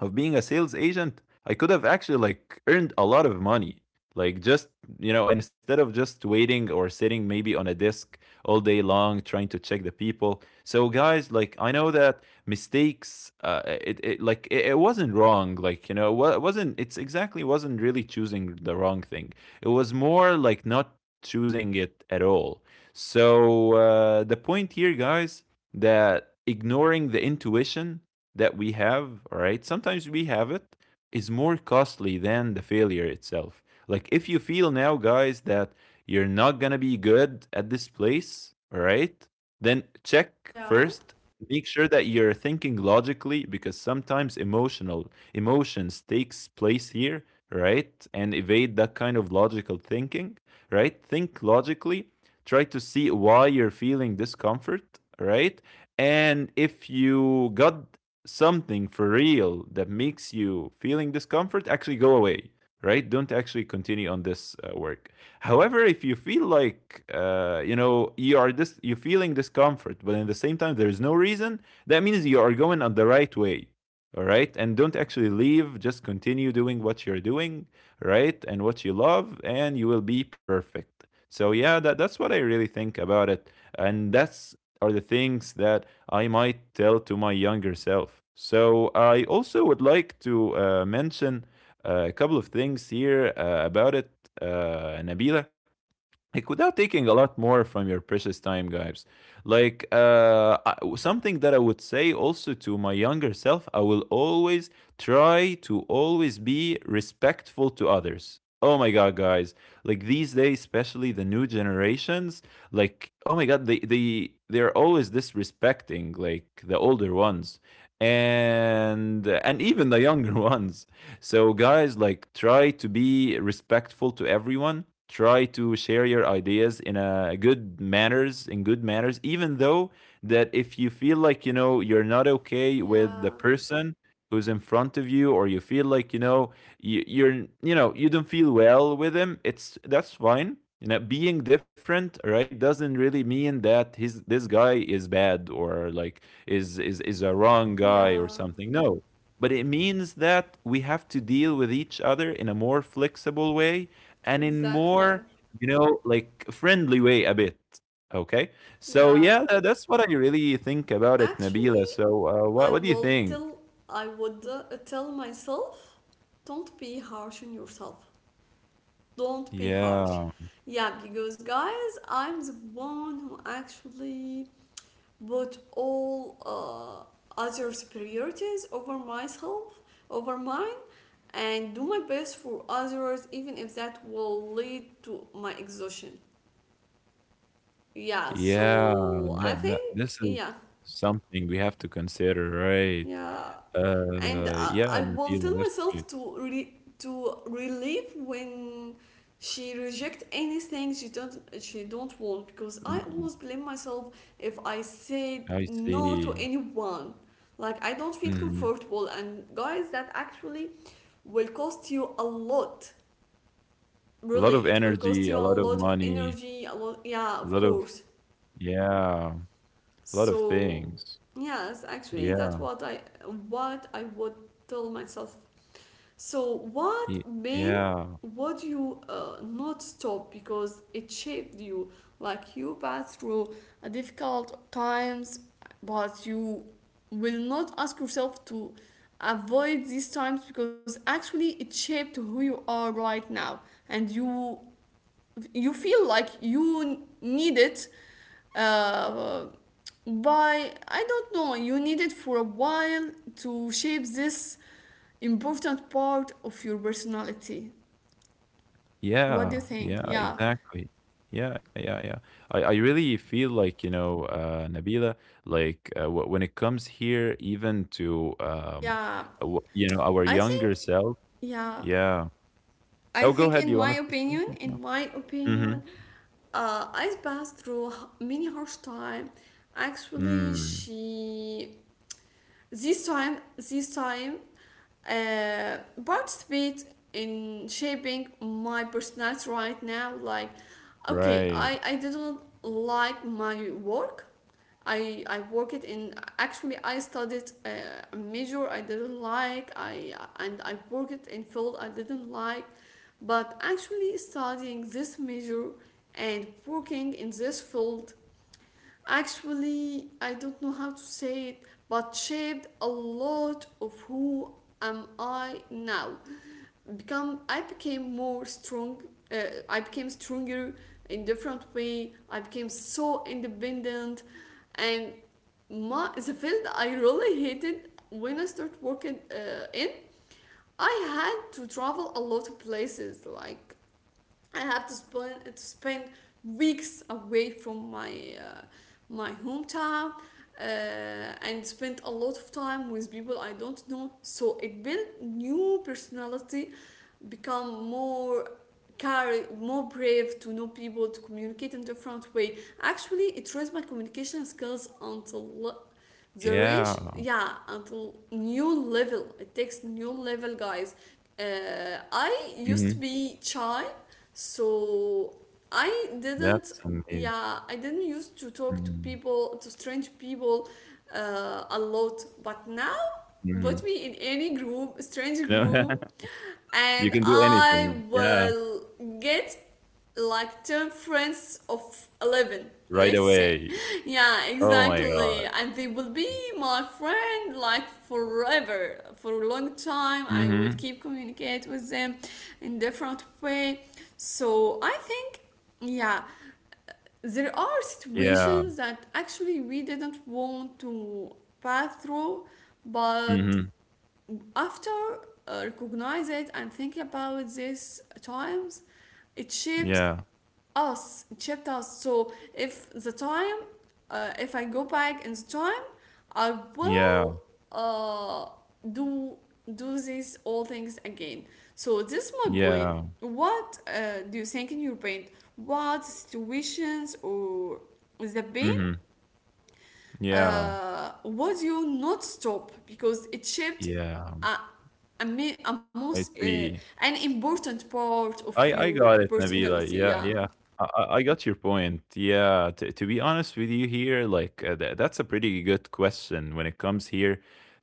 B: of being a sales agent, I could have actually like earned a lot of money. Like just you know, instead of just waiting or sitting maybe on a desk all day long trying to check the people. So guys, like I know that mistakes, it, it like it wasn't wrong. Like you know, it wasn't. It's exactly wasn't really choosing the wrong thing. It was more like not choosing it at all. So the point here, guys, that ignoring the intuition that we have, all right, sometimes we have it, is more costly than the failure itself. Like, if you feel now, guys, that you're not going to be good at this place, all right, then check
A: yeah,
B: first. Make sure that you're thinking logically because sometimes emotional emotions takes place here, right? And evade that kind of logical thinking, right? Think logically. Try to see why you're feeling discomfort, right? And if you got something for real that makes you feeling discomfort, actually go away, right? Don't actually continue on this work. However, if you feel like you know you are this, you're feeling discomfort, but at the same time there is no reason, that means you are going on the right way. All right, and don't actually leave. Just continue doing what you're doing, right, and what you love, and you will be perfect. So yeah, that's what I really think about it. And that's are the things that I might tell to my younger self. So I also would like to mention a couple of things here about it, Nabila, like without taking a lot more from your precious time, guys. Like something that I would say also to my younger self, I will always try to always be respectful to others. Oh my god, guys, like these days especially the new generations, like oh my god, they're always disrespecting like the older ones. And even the younger ones. So, guys, like try to be respectful to everyone. Try to share your ideas in a good manners, in good manners, even though that if you feel like you know you're not okay with
A: yeah,
B: the person who's in front of you, or you feel like you know you're you know you don't feel well with him, it's that's fine. You know, being different, right, doesn't really mean that his this guy is bad or like is a wrong guy or
A: yeah,
B: something. No, but it means that we have to deal with each other in a more flexible way and in
A: exactly.
B: more, like friendly way a bit. Okay. So
A: Yeah,
B: yeah, that's what I really think about it,
A: actually,
B: Nabila. So
A: i
B: what do you
A: will
B: think?
A: tell I would tell myself, don't be harsh on yourself, don't be harsh.
B: Yeah.
A: Yeah, because guys, I'm the one who actually put all others' priorities over myself, over mine, and do my best for others, even if that will lead to my exhaustion. Yeah,
B: Yeah.
A: so I
B: That, that,
A: think,
B: this is
A: yeah,
B: something we have to consider, right?
A: yeah, and I,
B: Yeah,
A: I will tell
B: Nabila, that's
A: myself
B: great.
A: to to relieve when she reject anything she don't, she don't want, because I
B: Mm,
A: always blame myself if I
B: I
A: said no to
B: see.
A: anyone. Like I don't feel
B: Mm.
A: comfortable, and guys that actually will cost you a lot.
B: A lot of
A: Really, it will cost
B: energy,
A: you
B: a
A: a
B: lot of
A: lot of
B: money,
A: energy, a lot,
B: a
A: yeah,
B: lot
A: of
B: of,
A: course.
B: yeah, a lot of
A: So
B: things.
A: yes, actually that's
B: Yeah,
A: what I would tell myself. So, what
B: y
A: main
B: yeah,
A: would you not stop because it shaped you? Like you passed through a difficult times, but you will not ask yourself to avoid these times because actually it shaped who you are right now, and you feel like you need it uh, by, I don't know, you need it for a while to shape this important part of your personality. What do you
B: yeah,
A: think?
B: yeah,
A: Yeah,
B: exactly. Yeah, yeah, yeah. I really feel like, you know, Nabila, like when it comes here, even to
A: yeah,
B: w you know, our
A: i
B: younger
A: think
B: self.
A: yeah
B: Yeah.
A: I
B: Oh, go
A: think
B: ahead.
A: in
B: You
A: my
B: want to say
A: opinion,
B: something? No. Mm-hmm.
A: I passed through many harsh time. Actually,
B: Mm,
A: she this time uh, participate in shaping my personality right now. Like, okay,
B: right.
A: I didn't like my work. I work it in, actually I studied a major I didn't like, I and I worked it in field I didn't like, but actually studying this major and working in this field actually, I don't know how to say it, but shaped a lot of who am I now. Become I became more strong, uh, I became stronger in different way. I became so independent, and my the field I really hated when I started working in, I had to travel a lot of places. Like I have to spend weeks away from uh, my hometown, uh, and spend a lot of time with people I don't know. So it built new personality, become more, carry more brave to know people, to communicate in different way. Actually, it raised my communication skills until the range,
B: Yeah.
A: yeah, until new level, it takes new level, guys. uh, I used to
B: Mm-hmm.
A: be shy, so i didn't
B: That's amazing.
A: yeah I didn't used to talk to
B: Mm-hmm.
A: people, to strange people, a lot, but now
B: Mm-hmm.
A: put me in any group, strange
B: You know,
A: group,
B: you
A: and
B: can do
A: I
B: anything. Yeah,
A: will get like 10 friends of 11,
B: right
A: let's say.
B: away.
A: Yeah,
B: Oh my
A: exactly,
B: god.
A: and they will be my friend like forever, for a long time. I will
B: Mhm.
A: keep communicate with them in different way. So I think, yeah, there are
B: Yeah.
A: situations that actually we didn't want to pass through, but
B: Mhm.
A: after recognize it and think about these times, it shaped
B: Yeah.
A: us, it shaped us. So if the time, if I go back in the time, I
B: Yeah.
A: will uh, do do these all things again. So this is my point.
B: Yeah.
A: What do you think in your brain, what situations or the pain
B: Mhm. Yeah.
A: would you not stop because it shaped
B: Yeah.
A: a, a most
B: I see.
A: an important part of
B: I
A: your
B: I got it,
A: personality?
B: Nabila.
A: Yeah,
B: Yeah, yeah. I got your point. Yeah, to be honest with you here, like that's a pretty good question when it comes here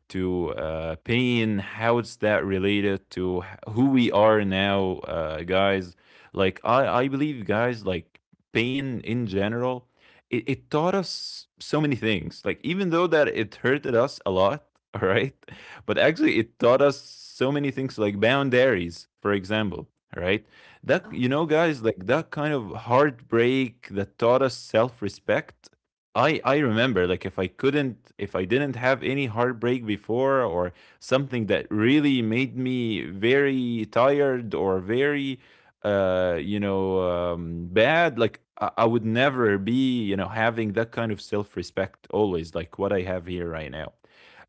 B: to pain. How is that related to who we are now, guys? Like I believe, guys, like pain in general, it taught us so many things. Like even though that it hurted us a lot, all right, but actually it taught us so many things, like boundaries, for example, right?
A: yeah,
B: That you know, guys, like that kind of heartbreak that taught us self-respect. I remember like if I didn't have any heartbreak before or something that really made me very tired or very uh you know bad like I would never be, you know, having that kind of self-respect always like what I have here right now.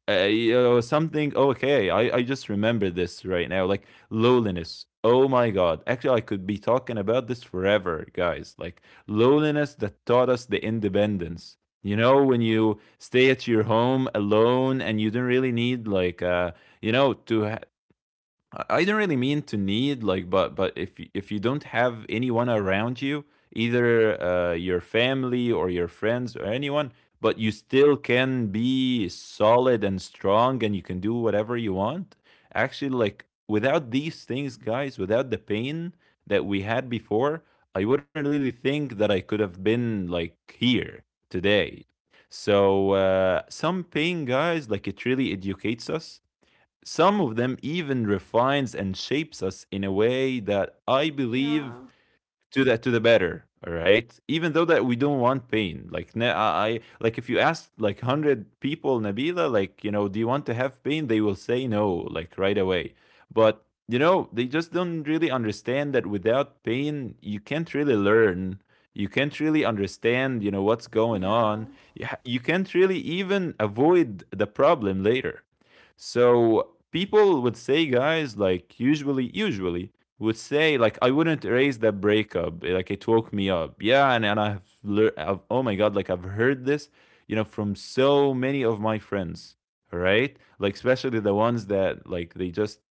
B: You know, something. Okay, I just remember this right now. Like loneliness, oh my god, actually I could be talking about this forever, guys. Like loneliness that taught us the independence, you know, when you stay at your home alone and you don't really need like you know to ha- I don't really mean to need, like, but if if you don't have anyone around you, either your family or your friends or anyone, but you still can be solid and strong, and you can do whatever you want. Actually, like without these things, guys, without the pain that we had before, I wouldn't really think that I could have been like here today. So some pain, guys, like it really educates us, some of them even refines and shapes us in a way that I
A: yeah,
B: believe to the, to the better. All right, even though that we don't want pain. Like like if you ask like 100 people, Nabila, like you know, do you want to have pain? They will say no, like right away. But you know, they just don't really understand that without pain, you can't really learn. You can't really understand, you know, what's going
A: yeah,
B: on. You, you can't really even avoid the problem later. So people would say, guys, like usually would say, like, I wouldn't erase that breakup. Like it woke me up. Yeah, and I've learned, oh my God, like I've heard this, you know, from so many of my friends, right? Like especially the ones that like they just,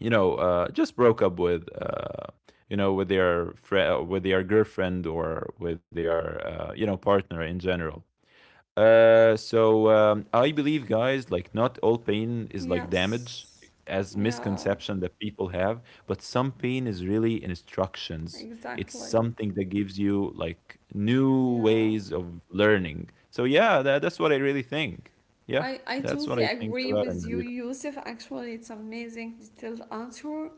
B: just broke up with, with their friend, with their girlfriend or with their, partner in general. So I believe, guys, like not all pain is like damage,
A: yes,
B: as
A: yeah,
B: misconception that people have, but some pain is really instructions. It's
A: exactly,
B: something that gives you like new
A: yeah.
B: ways of learning. So yeah, that's what I really think. Yeah,
A: I
B: that's
A: totally
B: what I think
A: agree
B: about it,
A: with you,
B: Nabila.
A: Yusuf. Actually, it's amazing detailed answer.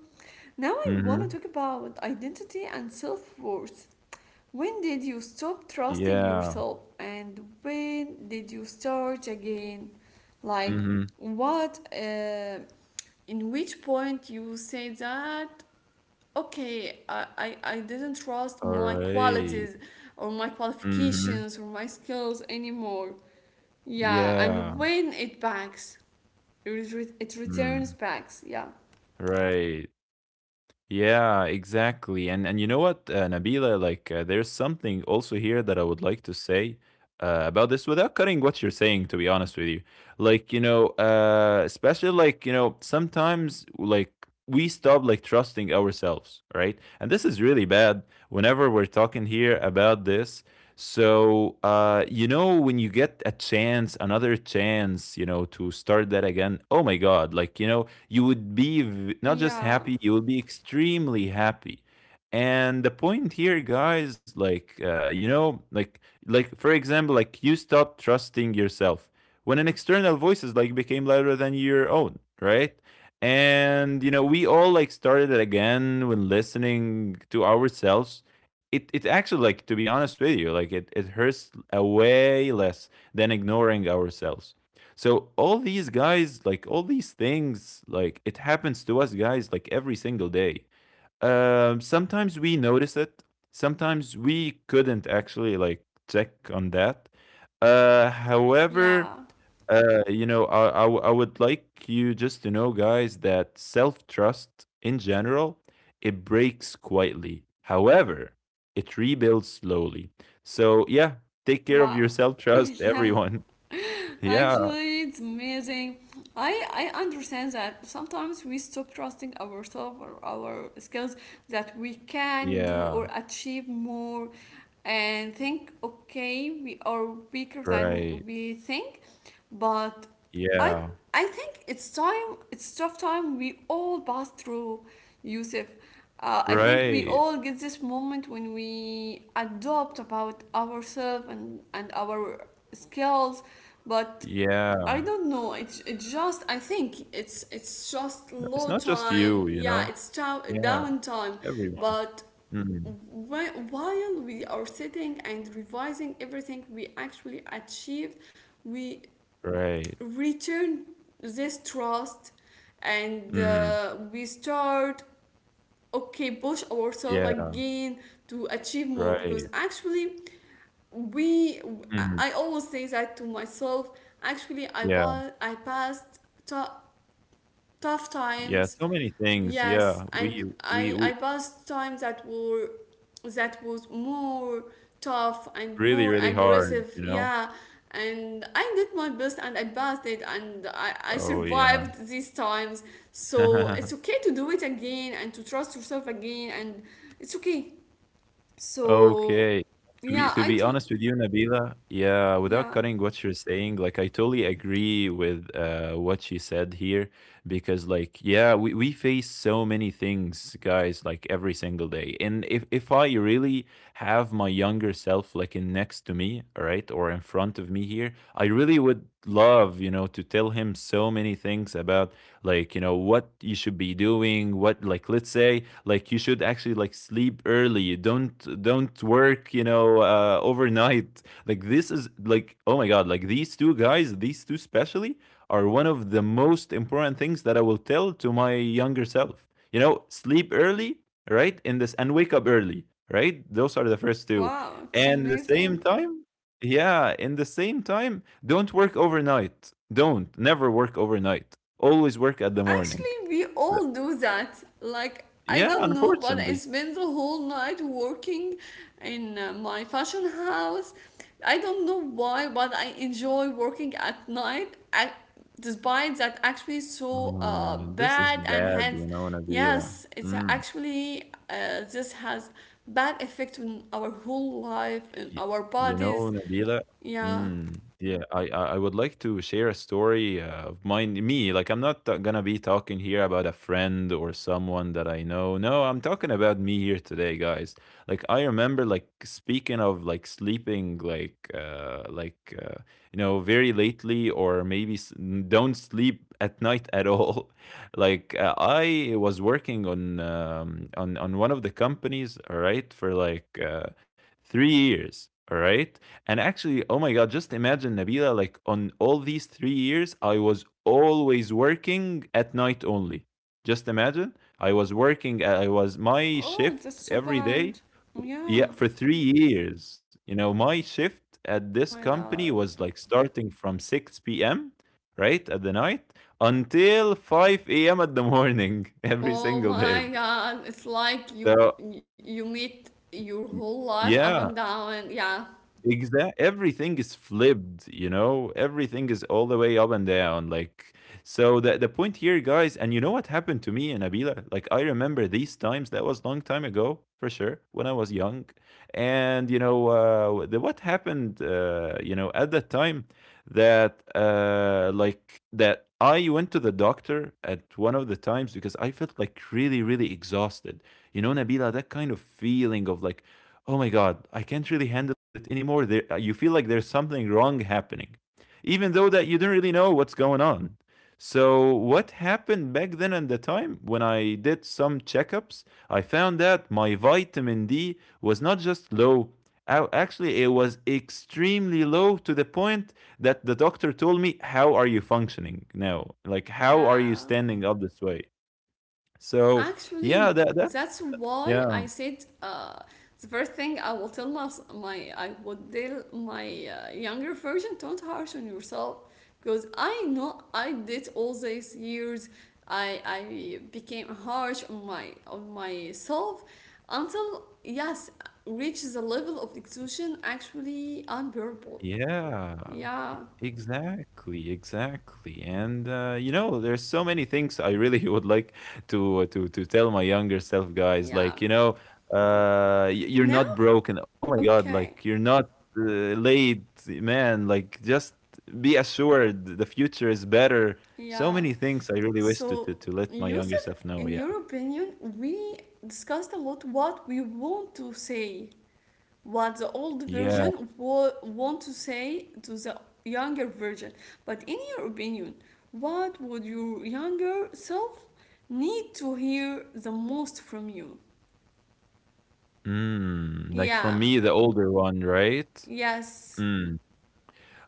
A: Now I want to
B: Mm-hmm.
A: talk about identity and self-worth. When did you stop trusting
B: Yeah.
A: yourself, and when did you start again? Like
B: Mm-hmm.
A: what, in which point you say that, okay, I didn't trust
B: All
A: my
B: right.
A: qualities or my
B: Mm-hmm.
A: qualifications or my skills anymore? Yeah,
B: Yeah.
A: and when it backs, it returns
B: Mm.
A: backs. Yeah,
B: Right. Yeah, exactly. And you know what, Nabila, like there's something also here that I would like to say about this without cutting what you're saying, to be honest with you. Like, especially like, sometimes like we stop like trusting ourselves, right? And this is really bad whenever we're talking here about this. So, when you get a chance, another chance, to start that again, oh my God, like, you would be not just
A: yeah,
B: happy, you would be extremely happy. And the point here, guys, like like for example, like you stop trusting yourself when an external voice is like became louder than your own, right? And you know, we all like started it again when listening to ourselves. It actually, like to be honest with you, like it hurts a way less than ignoring ourselves. So all these guys, like all these things, like it happens to us guys like every single day. Sometimes we notice it. Sometimes we couldn't actually like check on that. Uh, however,
A: yeah,
B: uh, you know, I would like you just to know, guys, that self trust in general, it breaks quietly. However, it rebuilds slowly. So yeah, take care of your
A: wow.
B: self trust,
A: Yeah.
B: everyone. Yeah.
A: Actually, it's amazing. I, I understand that sometimes we stop trusting ourselves or our skills that we can do
B: Yeah.
A: or achieve more, and think, okay, we are weaker
B: Right.
A: than we think. But I,
B: Yeah.
A: I think it's time, it's tough time we all pass through, Yusuf. I think we
B: Right.
A: all get this moment when we adopt about ourselves, and our skills, but
B: Yeah.
A: I don't know. It's, it just, I think it's just
B: No, it's
A: low
B: not just
A: time.
B: you, you
A: Yeah,
B: know?
A: it's
B: Yeah,
A: downtime.
B: everyone.
A: But
B: Mhm.
A: while we are sitting and revising everything we actually achieved, we
B: Right.
A: return this trust, and
B: Mhm.
A: we start, okay, push ourselves
B: Yeah.
A: again to achieve more because
B: Right.
A: actually we
B: Mhm.
A: I always say that to myself. Actually,
B: Yeah.
A: I passed ta- tough
B: Yeah,
A: times.
B: so many things,
A: Yes,
B: yeah.
A: and
B: We we
A: I
B: we
A: passed times that were, that was more tough and
B: really,
A: more
B: really hard,
A: aggressive.
B: you know?
A: Yeah, and I did my best, and I passed it, and I
B: Oh, yeah.
A: survived these times. So it's okay to do it again and to trust yourself again, and it's okay. So
B: Okay. To be
A: yeah,
B: to
A: I
B: be
A: do.
B: honest with you, Nabila, yeah,
A: Yeah.
B: without cutting what you're saying, like I totally agree with what she said here because like yeah, we face so many things, guys, like every single day. And if I really have my younger self like in next to me, all right, or in front of me here, I really would love, you know, to tell him so many things about like, you know, what you should be doing, what like let's say like you should actually like sleep early, don't work, overnight. Like this is like, oh my god, like these two guys, these two especially are one of the most important things that I will tell to my younger self. You know, sleep early, right, in this, and wake up early, right. Those are the first two,
A: Wow, it's
B: and the same
A: amazing.
B: time, yeah, in the same time, don't work overnight, don't never work overnight, always work at the morning.
A: Actually, we all do that. Like, I
B: Yeah,
A: don't know, but I
B: unfortunately.
A: spend the whole night working in my fashion house. I don't know why, but I enjoy working at night. At, despite that, actually, so
B: Oh, this is
A: bad and
B: bad,
A: has,
B: you know, Nabila.
A: yes, it's
B: Mm.
A: actually, this has bad effect on our whole life and
B: Y-
A: our
B: You know,
A: bodies.
B: Nabila,
A: Yeah.
B: mm, yeah, I would like to share a story of mine, me. Like, I'm not gonna be talking here about a friend or someone that I know. No, I'm talking about me here today, guys. Like, I remember, like, speaking of like sleeping, like, you know, very lately, or maybe don't sleep at night at all. Like, I was working on on one of the companies, all right, for like, 3 years, all right. And actually, oh my god, just imagine, Nabila, like on all these 3 years I was always working at night only. Just imagine, I was working, I was my
A: Oh,
B: shift
A: that's so
B: every day,
A: bad.
B: yeah,
A: Yeah.
B: for 3 years. You know, my shift at this
A: Oh my
B: company
A: god.
B: was like starting from 6 p.m., right at the night, until 5 a.m. at the morning. Every single
A: Oh
B: day.
A: my god, it's like you
B: So
A: you meet your whole life up
B: yeah.
A: and down. Yeah.
B: Exact. Everything is flipped, you know. Everything is all the way up and down. Like so, the point here, guys, and you know what happened to me and Abila. Like I remember these times. That was long time ago, for sure, when I was young. And you know, what happened, at that time, that like that I went to the doctor at one of the times because I felt like really, really exhausted. You know, Nabila, that kind of feeling of like, oh my god, I can't really handle it anymore. There, you feel like there's something wrong happening, even though that you don't really know what's going on. So what happened back then at the time, when I did some checkups, I found that my vitamin D was not just low, actually it was extremely low, to the point that the doctor told me, how are you functioning now? Like how are you
A: Yeah.
B: standing up this way? So yeah,
A: Actually,
B: that's
A: that's why
B: yeah.
A: I said the first thing I will tell my, my I would tell my younger version, don't harsh on yourself because I know I did all these years. I became harsh on my on myself until, yes, reach the level of exhaustion actually unbearable.
B: Yeah,
A: Yeah,
B: exactly, exactly. And you know, there's so many things I really would like to to tell my younger self, guys. Like
A: yeah.
B: you know, you're not
A: Now,
B: broken. Oh my God, like
A: okay,
B: you're not uh, late, man. Like just be assured, the future is better. So
A: yeah.
B: many things I really wish to to,
A: So,
B: to let my younger
A: Yusuf,
B: self know.
A: in
B: Yeah,
A: your opinion, we discussed a lot what we want to say, what the old
B: yeah.
A: version want to say to the younger version. But in your opinion, what would your younger self need to hear the most from you?
B: Mm, like from
A: Yeah,
B: me, the older one, right?
A: yes,
B: Mm.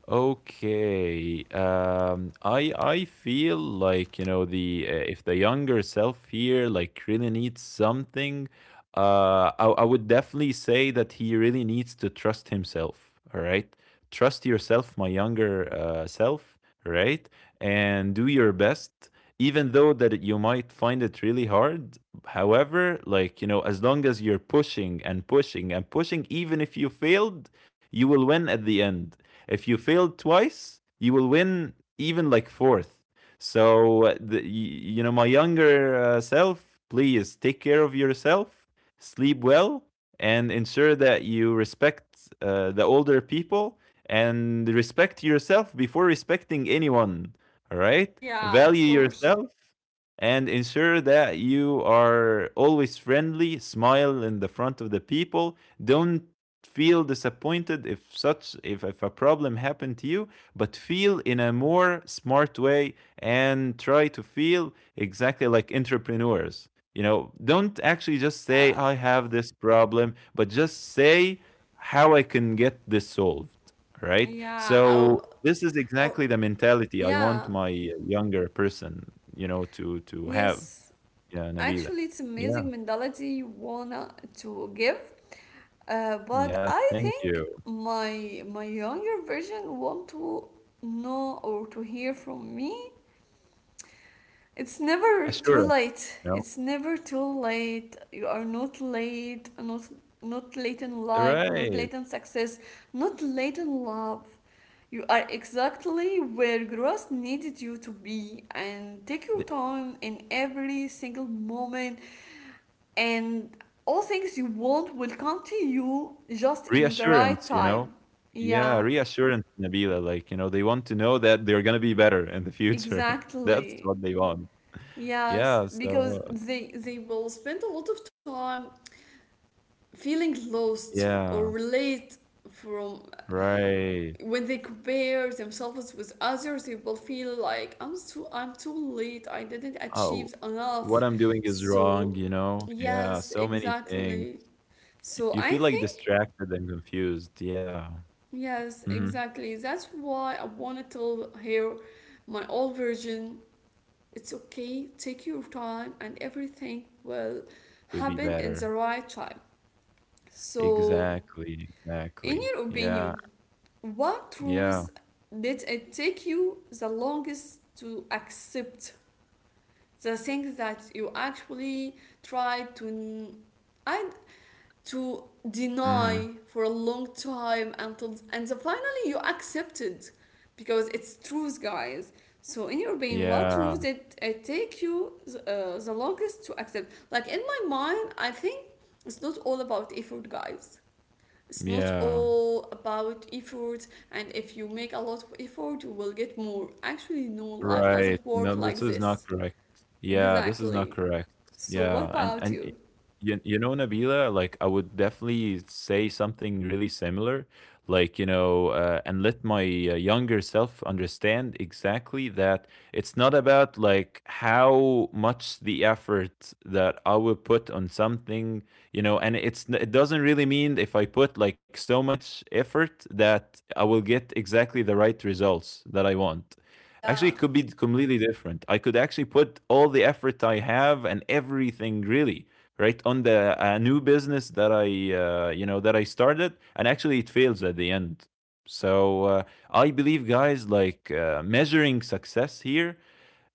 B: Okay. I feel like you know the if the younger self here like really needs something, I would definitely say that he really needs to trust himself. All right, trust yourself, my younger self. All right, and do your best, even though that you might find it really hard. However, like you know, as long as you're pushing and pushing and pushing, even if you failed, you will win at the end if you fail twice, you will win even like fourth. So, you know, my younger self, please take care of yourself, sleep well, and ensure that you respect the older people and respect yourself before respecting anyone. All right?
A: yeah, of
B: Value
A: course.
B: yourself and ensure that you are always friendly, smile in the front of the people. Don't feel disappointed if such if a problem happened to you but feel in a more smart way and try to feel exactly like entrepreneurs, you know, don't actually just
A: Yeah,
B: say I have this problem but just say how I can get this solved. Right?
A: yeah,
B: So this is
A: or,
B: exactly the mentality I
A: yeah.
B: want my younger person, you know, to have.
A: Yes,
B: Yeah,
A: actually,
B: Nabila.
A: it's amazing
B: Yeah.
A: mentality you wanna to give. But
B: Yeah,
A: I
B: thank
A: think
B: you.
A: my younger version want to know or to hear from me. It's never too
B: Assurance,
A: late.
B: you know.
A: It's never too late. You are not late. Not late in life. Not
B: Right.
A: late in success. Not late in love. You are exactly where growth needed you to be, and take your
B: The
A: time in every single moment, and all things you want will come to you just in the right
B: reassurance, you know.
A: time.
B: Yeah,
A: Yeah,
B: reassurance, Nabila. Like, you know, they want to know that they're gonna be better in the future. That's
A: exactly,
B: what they want.
A: yes,
B: Yeah,
A: because
B: so
A: they will spend a lot of time feeling lost or
B: yeah,
A: relate from.
B: right.
A: When they compare themselves with others, they will feel like, I'm too, I'm too late, I didn't
B: Oh,
A: achieve
B: what
A: enough.
B: I'm doing is wrong,
A: So
B: you know? Yeah,
A: yes,
B: so many things.
A: exactly. So
B: You
A: I
B: feel, like,
A: think,
B: distracted and confused, yeah,
A: yes,
B: mhm,
A: exactly. That's why I wanna tell her, my old version. It's okay, take your time, and everything will
B: would be
A: happen in the
B: better.
A: right time. So,
B: Exactly,
A: in
B: exactly.
A: your
B: Yeah,
A: opinion, what
B: yeah,
A: truths did it take you the longest to accept? The things that you actually tried to, I, to
B: mhm,
A: deny for a long time until, and so finally you accept it because it's truth, guys. So in your brain, what
B: yeah,
A: truth did it take you the longest to accept? Like in my mind, I think it's not all about effort, guys. It's not
B: yeah.
A: all about effort, and if you make a lot of effort, you will get more. Actually, no, life
B: Right.
A: doesn't work
B: No, this
A: like
B: is not
A: this.
B: correct. Yeah, this is not
A: Exactly.
B: correct.
A: So what
B: Yeah,
A: about you?
B: you, you know, Nabila, like I would definitely say something really similar, like you know, and let my younger self understand exactly that it's not about like how much the effort that I will put on something, you know, and it doesn't really mean if I put like so much effort that I will get exactly the right results that I want. Actually,
A: Yeah,
B: it could be completely different. I could actually put all the effort I have and everything really right on the new business that I you know that I started, and actually it fails at the end. So I believe, guys, like measuring success here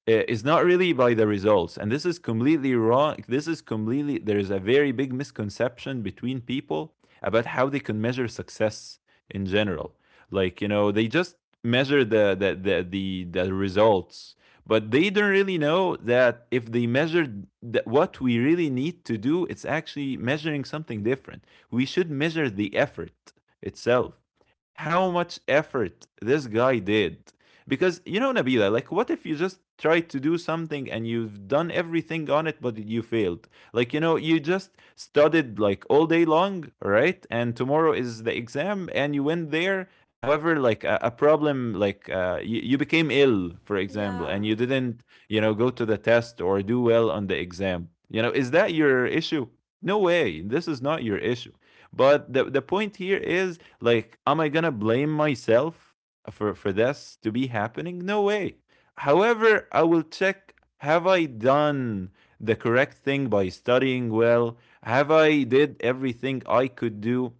B: is not really by the results. And this is completely wrong. This is completely, there is a very big misconception between people about how they can measure success in general. Like, you know, they just measure the results, but they don't really know that if they measured that what we really need to do, it's actually measuring something different. We should measure the effort itself. How much effort this guy did, because you know, Nabila, like what if you just tried to do something and you've done everything on it but you failed? Like, you know, you just studied like all day long, right? And tomorrow is the exam and you went there. However, like a problem, like you became ill, for example,
A: yeah,
B: and you didn't, you know, go to the test or do well on the exam. You know, is that your issue? No way. This is not your issue. But the point here is like, am I gonna blame myself for this to be happening? No way. However, I will check, have I done the correct thing by studying well? Have I did everything I could do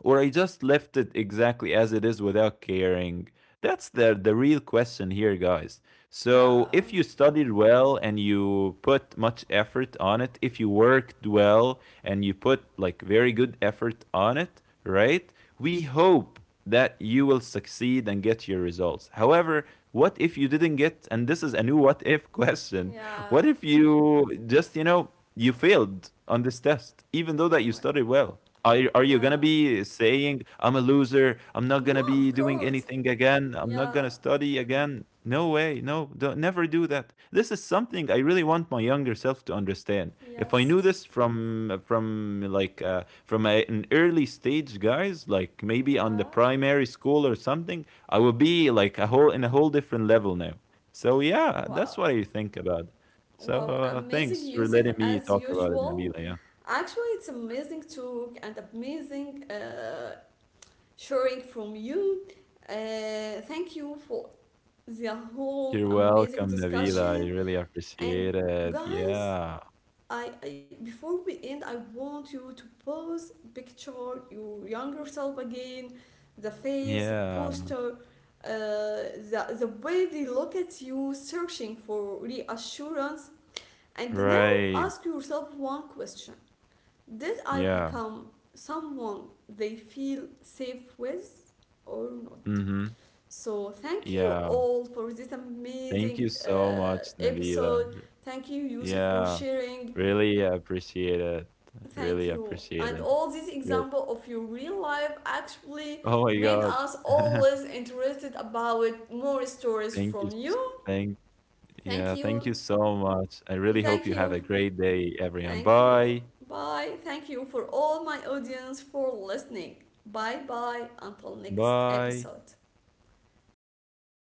B: or I just left it exactly as it is without caring? That's the real question here, guys. So, if
A: yeah,
B: you studied well and you put much effort on it, if you worked well and you put like very good effort on it, right? We hope that you will succeed and get your results. However, what if you didn't get, and this is a new what if question, what
A: yeah,
B: if you just, you know, you failed on this test, even though that
A: oh
B: you
A: my,
B: studied well? Are you going to
A: yeah,
B: be saying, I'm a loser, I'm not going to be
A: no,
B: be
A: of
B: doing
A: course,
B: anything again. I'm not
A: yeah,
B: gonna study again. No way. No, don't, never do that. This is something I really want my younger self to understand. If I knew
A: yes,
B: this from like uh, from an early stage, guys, like maybe on the
A: yeah,
B: primary school or something, I would be like a whole in a whole different level now. So yeah,
A: wow.
B: that's what I think about. So
A: Wow. Amazing,
B: thanks for
A: Yusuf,
B: letting me
A: as
B: talk about it,
A: usual.
B: Nabila. Yeah.
A: Actually, it's amazing talk and amazing sharing from you. Thank you for the whole
B: You're
A: amazing
B: welcome, Nabila. I
A: discussion.
B: really
A: And
B: appreciate it.
A: guys,
B: Yeah.
A: I before we end, I want you to pose, picture your younger self again, the face, the
B: Yeah.
A: posture, the way they look at you, searching for reassurance, and now
B: Right.
A: ask yourself one question: Did I
B: Yeah.
A: become someone they feel safe with, or not?
B: Mhm.
A: So thank you
B: Yeah.
A: all for this
B: Thank
A: amazing
B: you so much, Nabila.
A: episode. Thank you, Yusuf, for
B: Yeah.
A: sharing.
B: Really appreciate it.
A: Thank
B: Really
A: you.
B: appreciate
A: And
B: it.
A: all these
B: Really.
A: example of your real life actually
B: Oh my
A: made
B: god.
A: us always interested about more stories
B: Thank you.
A: from
B: S-
A: you.
B: Thank
A: Thank
B: Yeah, thank you
A: you.
B: so much. I
A: And
B: really hope
A: thank
B: you have
A: you.
B: a great day, everyone.
A: Thank you.
B: Bye.
A: Bye. Thank you for all my audience for listening. Bye bye until next
B: Bye.
A: episode. Bye.